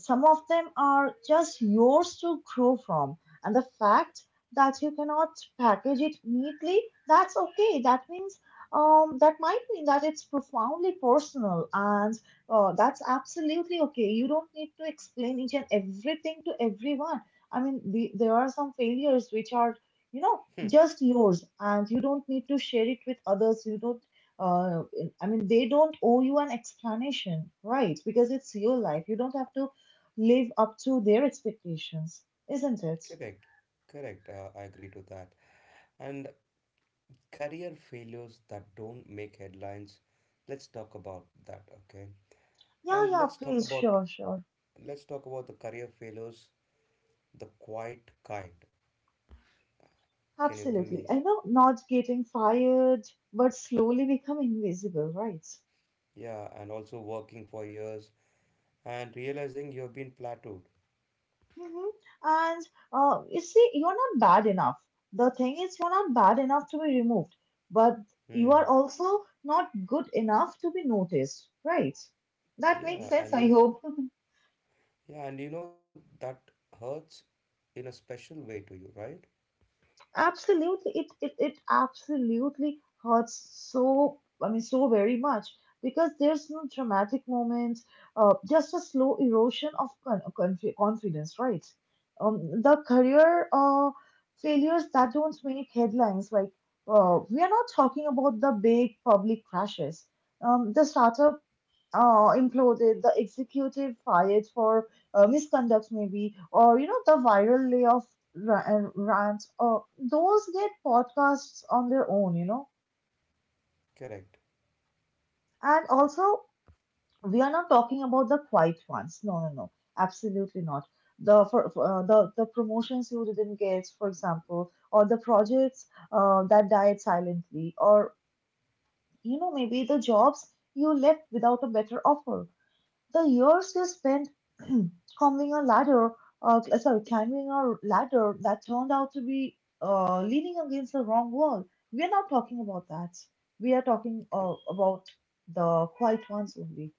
S1: Some of them are just yours to grow from. And the fact that you cannot package it neatly, that's okay. That means, that might mean that it's profoundly personal and oh, that's absolutely okay. You don't need to explain each and everything to everyone. I mean, there are some failures which are, you know,
S2: Hmm,
S1: just yours, and you don't need to share it with others. You don't, uh, I mean, they don't owe you an explanation, right? Because it's your life. You don't have to live up to their expectations, isn't it?
S2: correct, correct. I agree to that. And career failures that don't make headlines, let's talk about that, okay?
S1: Yeah,
S2: And
S1: yeah,
S2: let's talk
S1: please,
S2: about,
S1: sure, sure.
S2: the career failures, the quiet kind. Can you give
S1: Absolutely.
S2: me?
S1: I know not getting fired, but slowly become invisible, right?
S2: Yeah, and also working for years and realizing you've been plateaued.
S1: Hmm. And you see, you're not bad enough. The thing is, you're not bad enough to be removed, but you are
S2: Hmm.
S1: also not good enough to be noticed, right? That makes
S2: Yeah,
S1: sense,
S2: and
S1: I
S2: you know,
S1: hope.
S2: yeah, and you know that hurts in a special way to you, right?
S1: Absolutely, it absolutely hurts, so I mean so very much because there's no dramatic moments. Just a slow erosion of confidence, right? The career failures that don't make headlines, like we are not talking about the big public crashes. The startup imploded, the executive fired for misconduct, maybe, or you know, the viral layoff rant, those get podcasts on their own, you know.
S2: Correct.
S1: And also, we are not talking about the quiet ones. No, no, no, absolutely not. The the promotions you didn't get, for example, or the projects that died silently, or you know, maybe the jobs you left without a better offer. The years he spent climbing a ladder, sorry, climbing a ladder that turned out to be leaning against the wrong wall. We are not talking about that. We are talking
S2: C-.
S1: about the quiet ones only,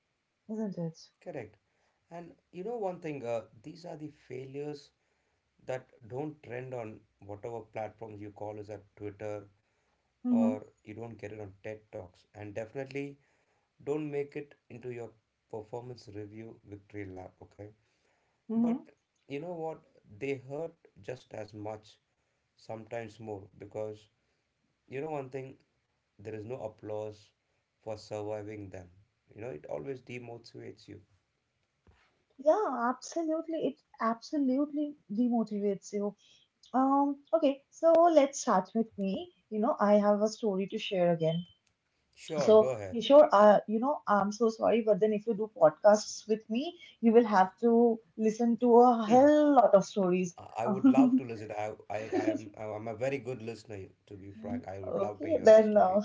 S1: isn't it?
S2: Correct. And you know one thing, these are the failures that don't trend on whatever platforms you call as at Twitter,
S1: Mm-hmm.
S2: or you don't get it on TED Talks. And definitely don't make it into your performance review victory lap, okay?
S1: Mm-hmm.
S2: But you know what? They hurt just as much, sometimes more, because you know one thing, there is no applause for surviving them. You know, it always demotivates you.
S1: Yeah, absolutely. It absolutely demotivates you. Okay, so let's start with me. You know, I have a story to share again.
S2: Sure, go
S1: So,
S2: ahead.
S1: Kishore, you know, I'm so sorry, but then if you do podcasts with me, you will have to listen to a
S2: Hmm.
S1: hell lot of stories.
S2: I would love to listen. I'm a very good listener, to be frank. I would love to
S1: Okay,
S2: hear the
S1: then uh,
S2: stories.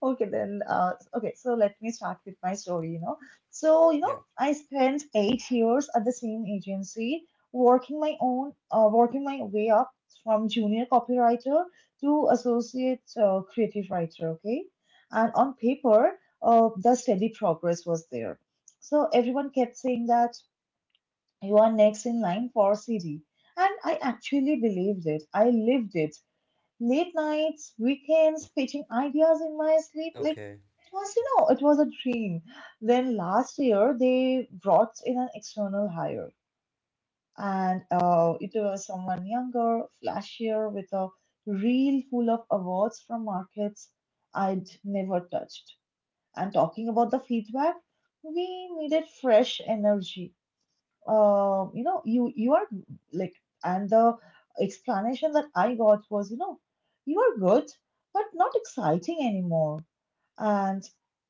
S1: Okay, then, okay, so let me start with my story, you know. So, you know,
S2: Yeah.
S1: I spent 8 years at the same agency, working my way up from junior copywriter to associate creative writer, okay? And on paper, the steady progress was there. So everyone kept saying that you are next in line for CD. And I actually believed it. I lived it. Late nights, weekends, pitching ideas in
S2: Okay.
S1: my sleep, like it was, you know, it was a dream. Then last year they brought in an external hire, and it was someone younger, flashier, with a reel full of awards from markets I'd never touched. And talking about the feedback, we needed fresh energy. You are like, and the explanation that I got was, you know, you are good, but not exciting anymore and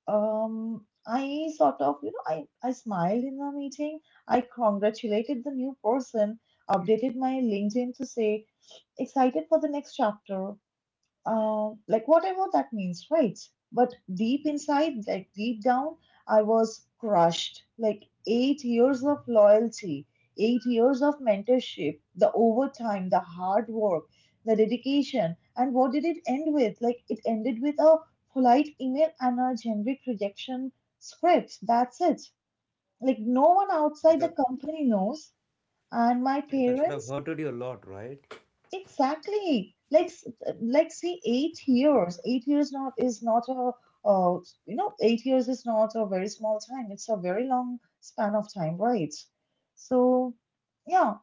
S1: I sort of, you know, I smiled in the meeting. I congratulated the new person, updated my LinkedIn to say, "Excited for the next chapter," like whatever that means, right? But deep inside, like deep down, I was crushed. Like 8 years of loyalty, 8 years of mentorship, the overtime, the hard work, the dedication. And what did it end with? Like it ended with a polite email and a generic rejection script. That's it. Like no one outside the
S2: That
S1: company knows. And my
S2: yeah, that should have
S1: parents,
S2: hurted you a lot, right?
S1: exactly. Like, s- like, see, 8 years. 8 years not is not a, uh, 8 years is not a very small time. It's a very long span of time, right? So, yeah.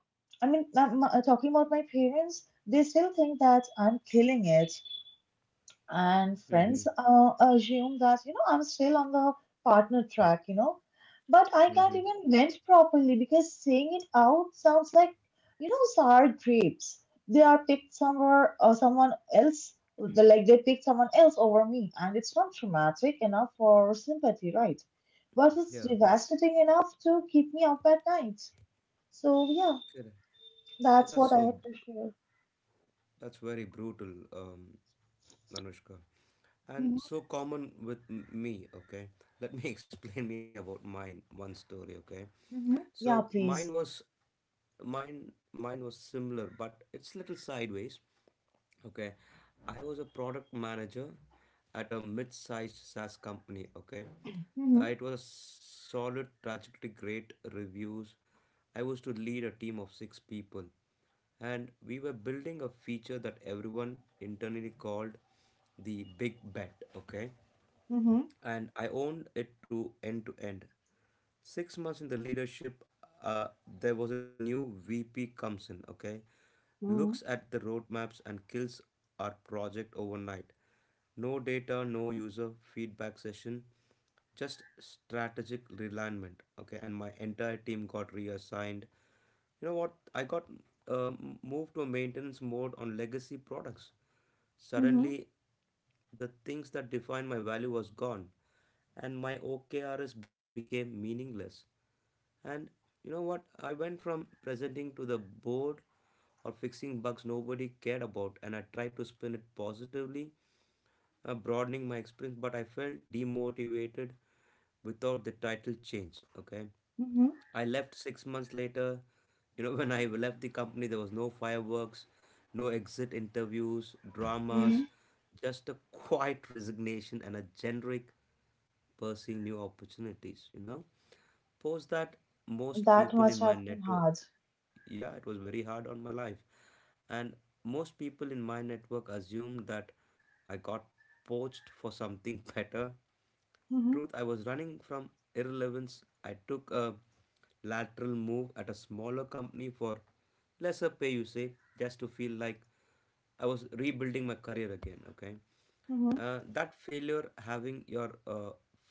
S1: I mean, I'm, talking about my parents, they still think that I'm killing it and
S2: Mm-hmm.
S1: friends assume that you know I'm still on the partner track, you know, but I can't
S2: Mm-hmm.
S1: even vent properly because saying it out sounds like you know sour grapes. They are picked somewhere or someone else, like they picked someone else over me, and it's not traumatic enough for sympathy, right? But it's
S2: Yeah.
S1: devastating enough to keep me up at night. So yeah,
S2: Correct.
S1: that's
S2: That's
S1: what I had
S2: so,
S1: to share.
S2: that's very brutal, um, Manushka, and
S1: Hmm.
S2: so common with me. Okay, let me explain me about mine. One story. Okay,
S1: Hmm.
S2: so
S1: Yeah,
S2: mine
S1: please.
S2: was, mine was similar, but it's little sideways. Okay, I was a product manager at a mid-sized SaaS company. Okay,
S1: Hmm.
S2: it was a solid trajectory, great reviews. I was to lead a team of six people, and we were building a feature that everyone internally called the Big Bet. Okay,
S1: Hmm.
S2: and I owned it to end to end. 6 months in the leadership, uh, there was a new VP comes in, okay? Looks
S1: Hmm.
S2: at the roadmaps and kills our project overnight. No data, no user feedback session, just strategic realignment, okay? And my entire team got reassigned. You know what? I got moved to a maintenance mode on legacy products.
S1: Hmm.
S2: Suddenly, the things that define my value was gone and my OKRs became meaningless. And you know what? I went from presenting to the board or fixing bugs nobody cared about, and I tried to spin it positively, broadening my experience, but I felt demotivated without the title change. Okay,
S1: Hmm.
S2: I left 6 months later. You know, when I left the company, there was no fireworks, no exit interviews, dramas,
S1: Hmm.
S2: just a quiet resignation and a generic pursuing new opportunities, you know. Post that, most
S1: That
S2: people in
S1: must
S2: my
S1: have been
S2: network,
S1: hard.
S2: yeah, it was very hard on my life. And most people in my network assumed that I got poached for something better.
S1: Hmm.
S2: Truth, I was running from irrelevance. I took a lateral move at a smaller company for lesser pay, you say, just to feel like I was rebuilding my career again. Okay.
S1: Hmm.
S2: That failure, having your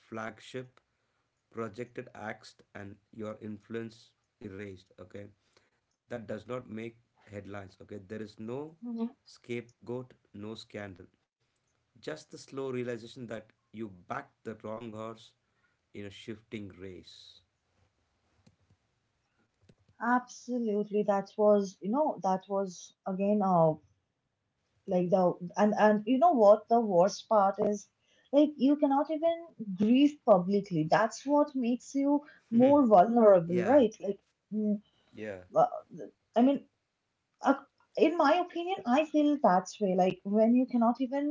S2: flagship projected axed and your influence erased, okay, that does not make headlines. Okay. There is no
S1: Hmm.
S2: scapegoat, no scandal. Just the slow realization that you backed the wrong horse in a shifting race.
S1: Absolutely. That was, you know, that was again, like the, and you know what the worst part is? Like you cannot even grieve publicly. That's what makes you more
S2: Yeah.
S1: vulnerable, right? Like, mm,
S2: Yeah.
S1: uh, I mean, Uh, in my opinion, I feel that's way. Like when you cannot even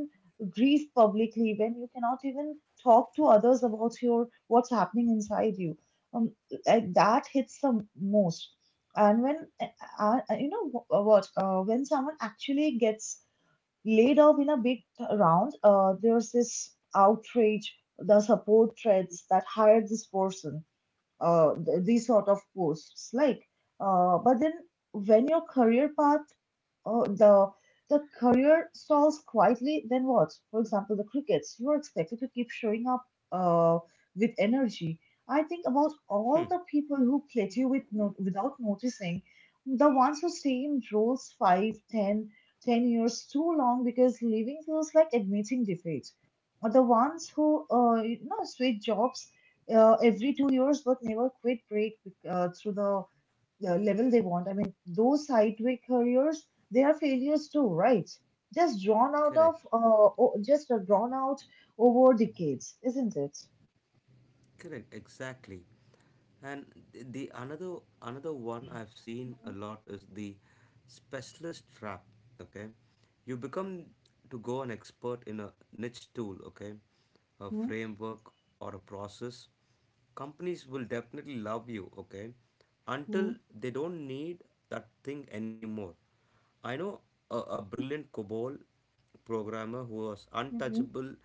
S1: grieve publicly, when you cannot even talk to others about your what's happening inside you, um, like that hits the most. And when uh, when someone actually gets laid off in a big round, there's this outrage, the support threads that hired this person, these sort of posts, like. But then when your career path Oh, the career stalls quietly, then what? For example, the crickets. You are expected to keep showing up uh, with energy. I think about
S2: Hmm.
S1: all the people who plate you with without noticing, the ones who stay in roles 10 years too long because leaving feels like admitting defeat. Or the ones who switch jobs every 2 years but never quit break through the level they want. I mean, those sideways careers, they are failures too, right? Just drawn
S2: Correct.
S1: just are drawn out over decades, isn't it?
S2: Correct, exactly. And the another another one I've seen a
S1: Mm-hmm.
S2: lot is the specialist trap. Okay, you become to go an expert in a niche tool. Okay, a framework or a process. Companies will definitely love you. Okay, until
S1: Mm-hmm.
S2: they don't need that thing anymore. I know a brilliant COBOL programmer who was
S1: Mm-hmm.
S2: untouchable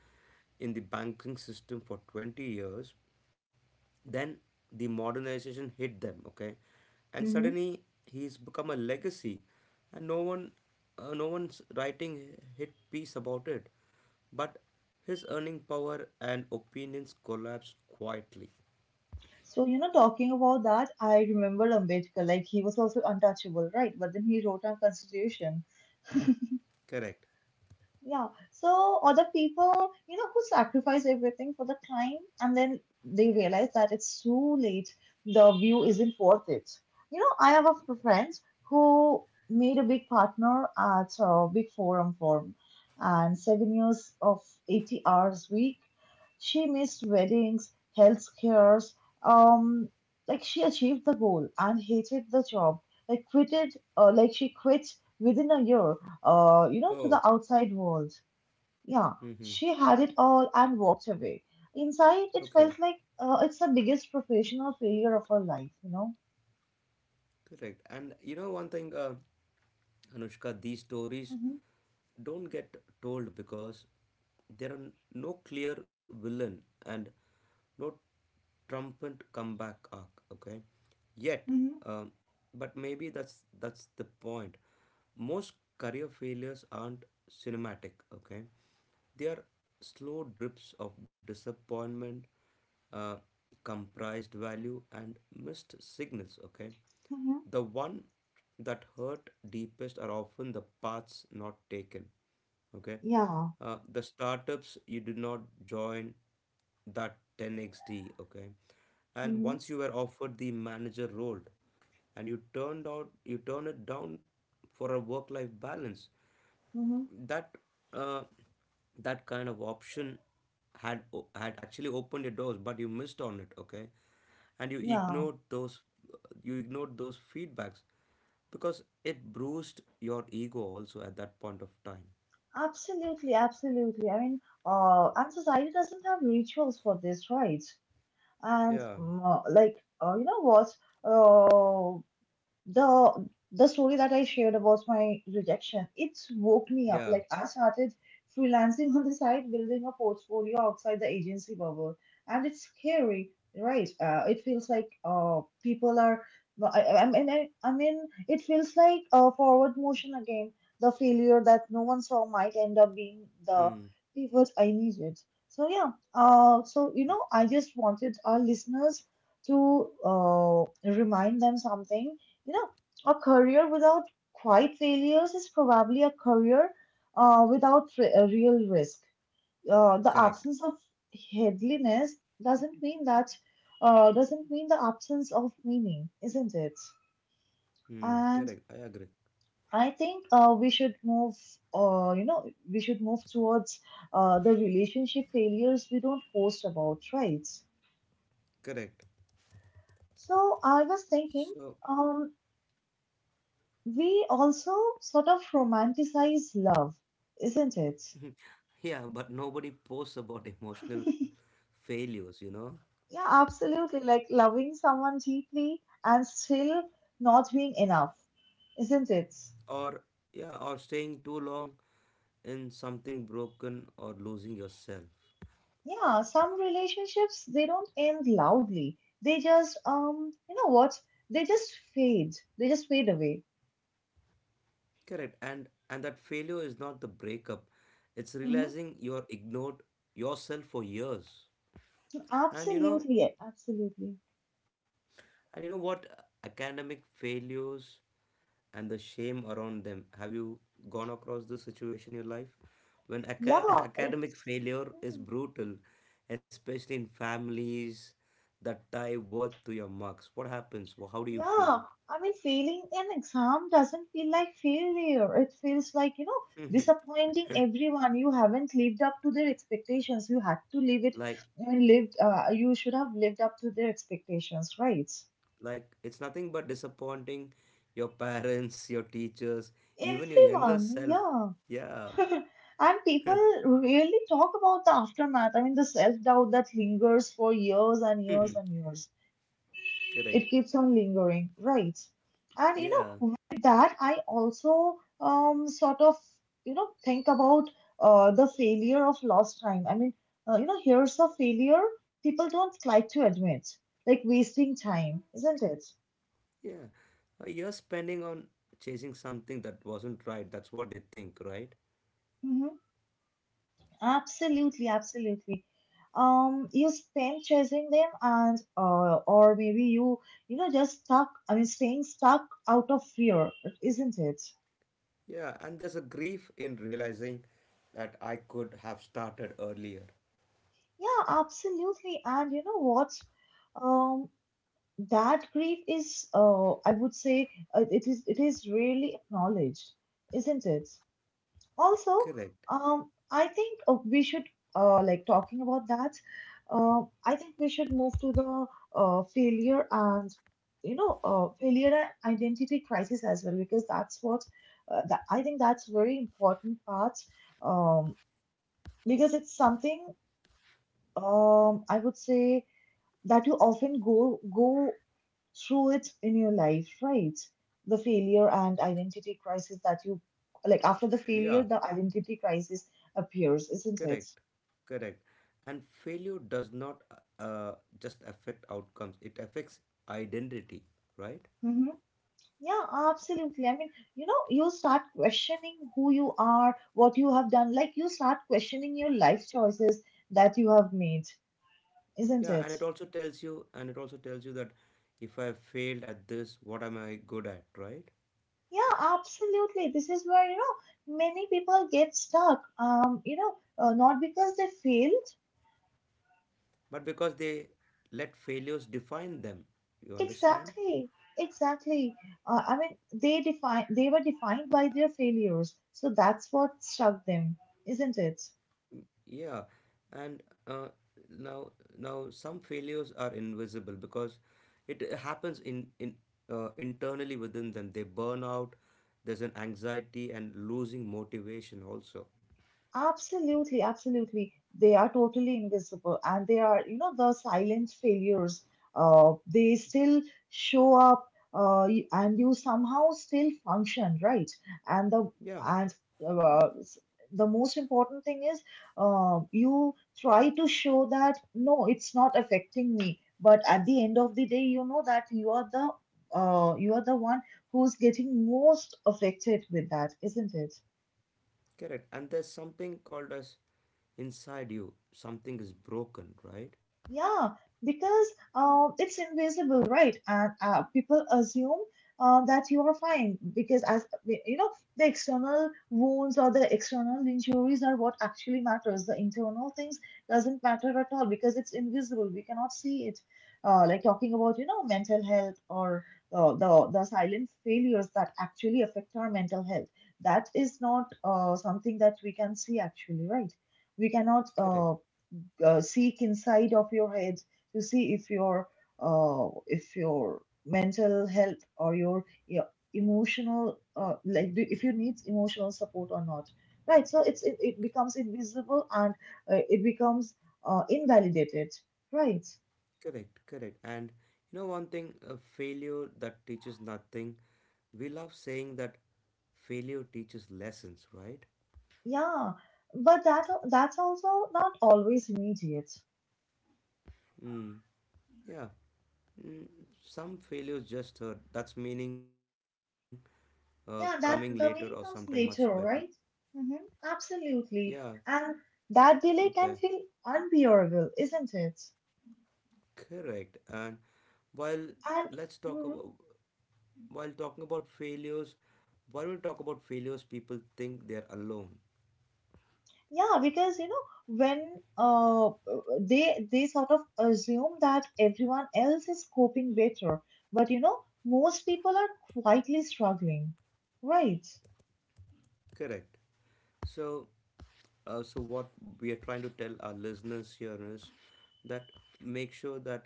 S2: in the banking system for 20 years. Then the modernization hit them, okay? And
S1: Mm-hmm.
S2: suddenly he's become a legacy, and no one's writing hit piece about it. But his earning power and opinions collapsed quietly.
S1: So, you know, talking about that, I remember Ambedkar, like he was also untouchable, right? But then he wrote our constitution.
S2: Correct.
S1: Yeah. So other people, you know, who sacrifice everything for the climb and then they realize that it's too late. The view isn't worth it. You know, I have a friend who made a big partner at a big forum firm and 7 years of 80 hours week. She missed weddings, health scares, um, like she achieved the goal and hated the job. Like she quit within a year to
S2: Oh.
S1: the outside world. Yeah,
S2: Mhm.
S1: she had it all and walked away. Inside, it
S2: Okay.
S1: felt like it's the biggest professional failure of her life, you know?
S2: Correct. And you know one thing, Anushka, these stories
S1: Hmm.
S2: don't get told because there are no clear villain and no trumpet comeback arc. Okay, yet,
S1: Mm-hmm.
S2: um, but maybe that's the point. Most career failures aren't cinematic. Okay, they are slow drips of disappointment, uh, comprised value, and missed signals. Okay,
S1: Mm-hmm.
S2: the one that hurt deepest are often the paths not taken. Okay,
S1: Yeah.
S2: the startups you did not join that 10xd. Okay, and
S1: Mm-hmm.
S2: once you were offered the manager role, and you turned out you turn it down for a work-life balance.
S1: Mm-hmm.
S2: That uh, that kind of option had had actually opened your doors, but you missed on it. Okay, and you
S1: Yeah,
S2: ignored those, feedbacks because it bruised your ego also at that point of time.
S1: absolutely, absolutely. I mean, and society doesn't have rituals for this, right? And
S2: Yeah,
S1: like, you know what? Uh. The story that I shared about my rejection, it woke me up.
S2: yeah.
S1: Like I started freelancing on the side, building a portfolio outside the agency bubble, and it's scary, right? It feels like people are. well, I, I mean, I, I mean, it feels like forward motion again. The failure that no one saw might end up
S2: Hmm,
S1: being the pivot I needed. So yeah, so you know, I just wanted our listeners to remind them something, you know, a career without quiet failures is probably a career without a real risk. The
S2: correct.
S1: absence of headliness doesn't mean that doesn't mean the absence of meaning, isn't it?
S2: Hmm,
S1: And
S2: correct, I agree.
S1: I think you know, we should move towards the relationship failures we don't post about, right?
S2: Correct.
S1: So I was thinking,
S2: So.
S1: um, we also sort of romanticize love, isn't it?
S2: Yeah, but nobody posts about emotional failures, you know.
S1: Yeah, absolutely. Like loving someone deeply and still not being enough, isn't it?
S2: Or yeah, or staying too long in something broken or losing yourself.
S1: Yeah, some relationships they don't end loudly. They just you know what? They just fade. They just fade away.
S2: Correct. And that failure is not the breakup. It's
S1: Hmm.
S2: realizing you're ignored yourself for years. And you know,
S1: Absolutely, absolutely.
S2: and you know what, academic failures and the shame around them. Have you gone across this situation in your life? When aca-
S1: Yeah,
S2: academic
S1: it's.
S2: failure is
S1: Hmm.
S2: brutal, especially in families that tie worth to your marks, what happens? Well, how do you feel?
S1: Yeah, I mean, failing an exam doesn't feel like failure. It feels like, you know, disappointing everyone. You haven't lived up to their expectations. You had to live it.
S2: Like
S1: I mean, you should have lived up to their expectations, right?
S2: like it's nothing but disappointing your parents your teachers, even your younger
S1: Everyone,
S2: self.
S1: yeah.
S2: Yeah.
S1: And people really talk about the aftermath. I mean, the self-doubt that lingers for years and years
S2: Mhm.
S1: and years. It
S2: Correct.
S1: keeps on lingering, right? And you
S2: Yeah,
S1: know, with that, I also um sort of you know think about the failure of lost time. I mean, you know, here's a failure people don't like to admit, like wasting time, isn't it?
S2: yeah. You're spending on chasing something that wasn't right, that's what they think, right?
S1: Hmm. Absolutely, absolutely. You spend chasing them, and or maybe you you know just stuck. I mean, staying stuck out of fear, isn't it?
S2: Yeah, and there's a grief in realizing that I could have started earlier.
S1: Yeah, absolutely. And you know what? Um, that grief is, I would say, it is really acknowledged, isn't it? Also,
S2: Correct.
S1: I think we should like talking about that. I think we should move to the uh, failure and failure and identity crisis as well because that's what I think that's very important part, um, because it's something, I would say that you often go through it in your life, right? The failure and identity crisis that you, like after the failure
S2: Yeah,
S1: the identity crisis appears, isn't it?
S2: correct, correct. And failure does not uh, just affect outcomes, it affects identity, right?
S1: Hmm. Yeah, absolutely. I mean, you know, you start questioning who you are, what you have done. Like you start questioning your life choices that you have made, isn't
S2: Yeah, and
S1: it?
S2: it also tells you, and it also tells you that if I failed at this, what am I good at, right?
S1: Yeah, absolutely. This is where, you know, many people get stuck, not because they fail.
S2: But because they let failures define them, you understand?
S1: Exactly, exactly. I mean, they were defined by their failures, so that's what struck them, isn't it?
S2: Yeah, and now, some failures are invisible because it happens in internally within them. They burn out. There's an anxiety and losing motivation also.
S1: Absolutely, absolutely. They are totally invisible and they are, you know, the silent failures. They still show up, and you somehow still function, right? And the
S2: Yeah,
S1: and s- the most important thing is, you try to show that no, it's not affecting me. But at the end of the day, you know that you are the one who's getting most affected with that, isn't it?
S2: correct. And there's something called as inside you. Something is broken, right?
S1: Yeah, because it's invisible, right? And people assume, that you are fine because, as you know, the external wounds or the external injuries are what actually matters. The internal things doesn't matter at all because it's invisible. We cannot see it. Like talking about, you know, mental health or the silent failures that actually affect our mental health. That is not something that we can see actually, right? We cannot
S2: Correct.
S1: uh, uh, seek inside of your head to see if your, if your mental health or your emotional, if you need emotional support or not, right? So it becomes invisible and it becomes invalidated, right?
S2: Correct, correct. And you know, one thing, a failure that teaches nothing. We love saying that failure teaches lessons, right?
S1: Yeah, but that that's also not always immediate.
S2: Mm, yeah. Mm, some failures just hurt. That's meaning coming later
S1: Yeah,
S2: or
S1: that
S2: sometimes
S1: the
S2: much
S1: meaning comes
S2: better.
S1: later, right? Mm-hmm.
S2: Yeah,
S1: Absolutely. And that
S2: okay.
S1: delay can feel unbearable, isn't it?
S2: Correct. And while
S1: And
S2: let's talk
S1: mhm,
S2: about while talking about failures, why don't we talk about failures people think they're alone?
S1: yeah, because you know when uh they sort of assume that everyone else is coping better, but you know most people are quietly struggling, right?
S2: Correct. So, so what we are trying to tell our listeners here is that make sure that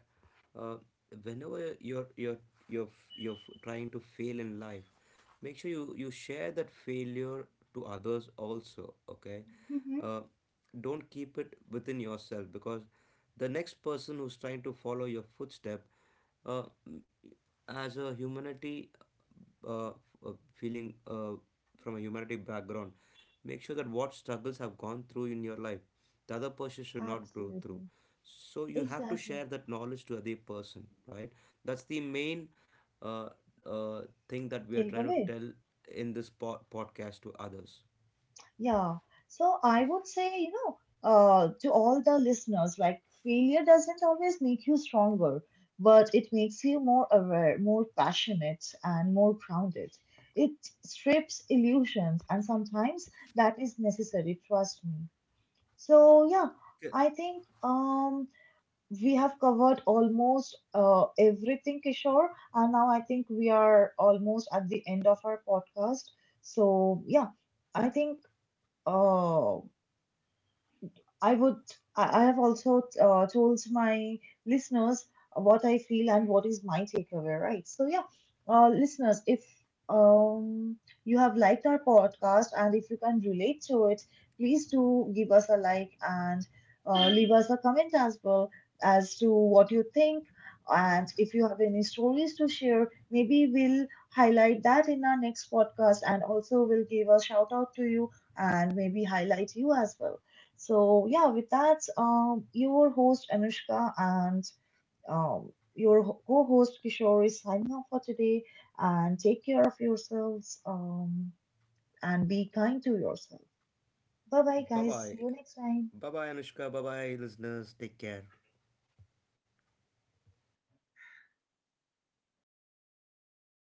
S2: uh, whenever you're trying to fail in life, make sure you share that failure to others also. Okay,
S1: Hmm.
S2: uh, don't keep it within yourself because the next person who's trying to follow your footstep, uh, as a humanity, uh, feeling from a humanity background, make sure that what struggles have gone through in your life the other person should not go through,
S1: Absolutely,
S2: so you have to
S1: exactly.
S2: share that knowledge to other person, right? That's the main uh, uh, thing that we are
S1: Take
S2: trying to
S1: away.
S2: tell in this podcast to others.
S1: Yeah. So I would say, you know, to all the listeners, like failure doesn't always make you stronger, but it makes you more aware, more passionate, and more grounded. It strips illusions, and sometimes that is necessary, trust me. So yeah,
S2: Okay.
S1: I think we have covered almost everything, Kishore, and now I think we are almost at the end of our podcast. So yeah, I think 哦，I would, I have also told my listeners what I feel and what is my takeaway, right? So, yeah, listeners, if um, you have liked our podcast and if you can relate to it, please do give us a like and leave us a comment as well as to what you think. And if you have any stories to share, maybe we'll highlight that in our next podcast and also we'll give a shout out to you and maybe highlight you as well. So yeah, with that, your host Anushka and co-host Kishore is signing off for today. And take care of yourselves, and be kind to yourself. Bye bye,
S2: Bye
S1: guys.
S2: bye.
S1: See you next time.
S2: Bye bye, Anushka. Bye bye, listeners, take care.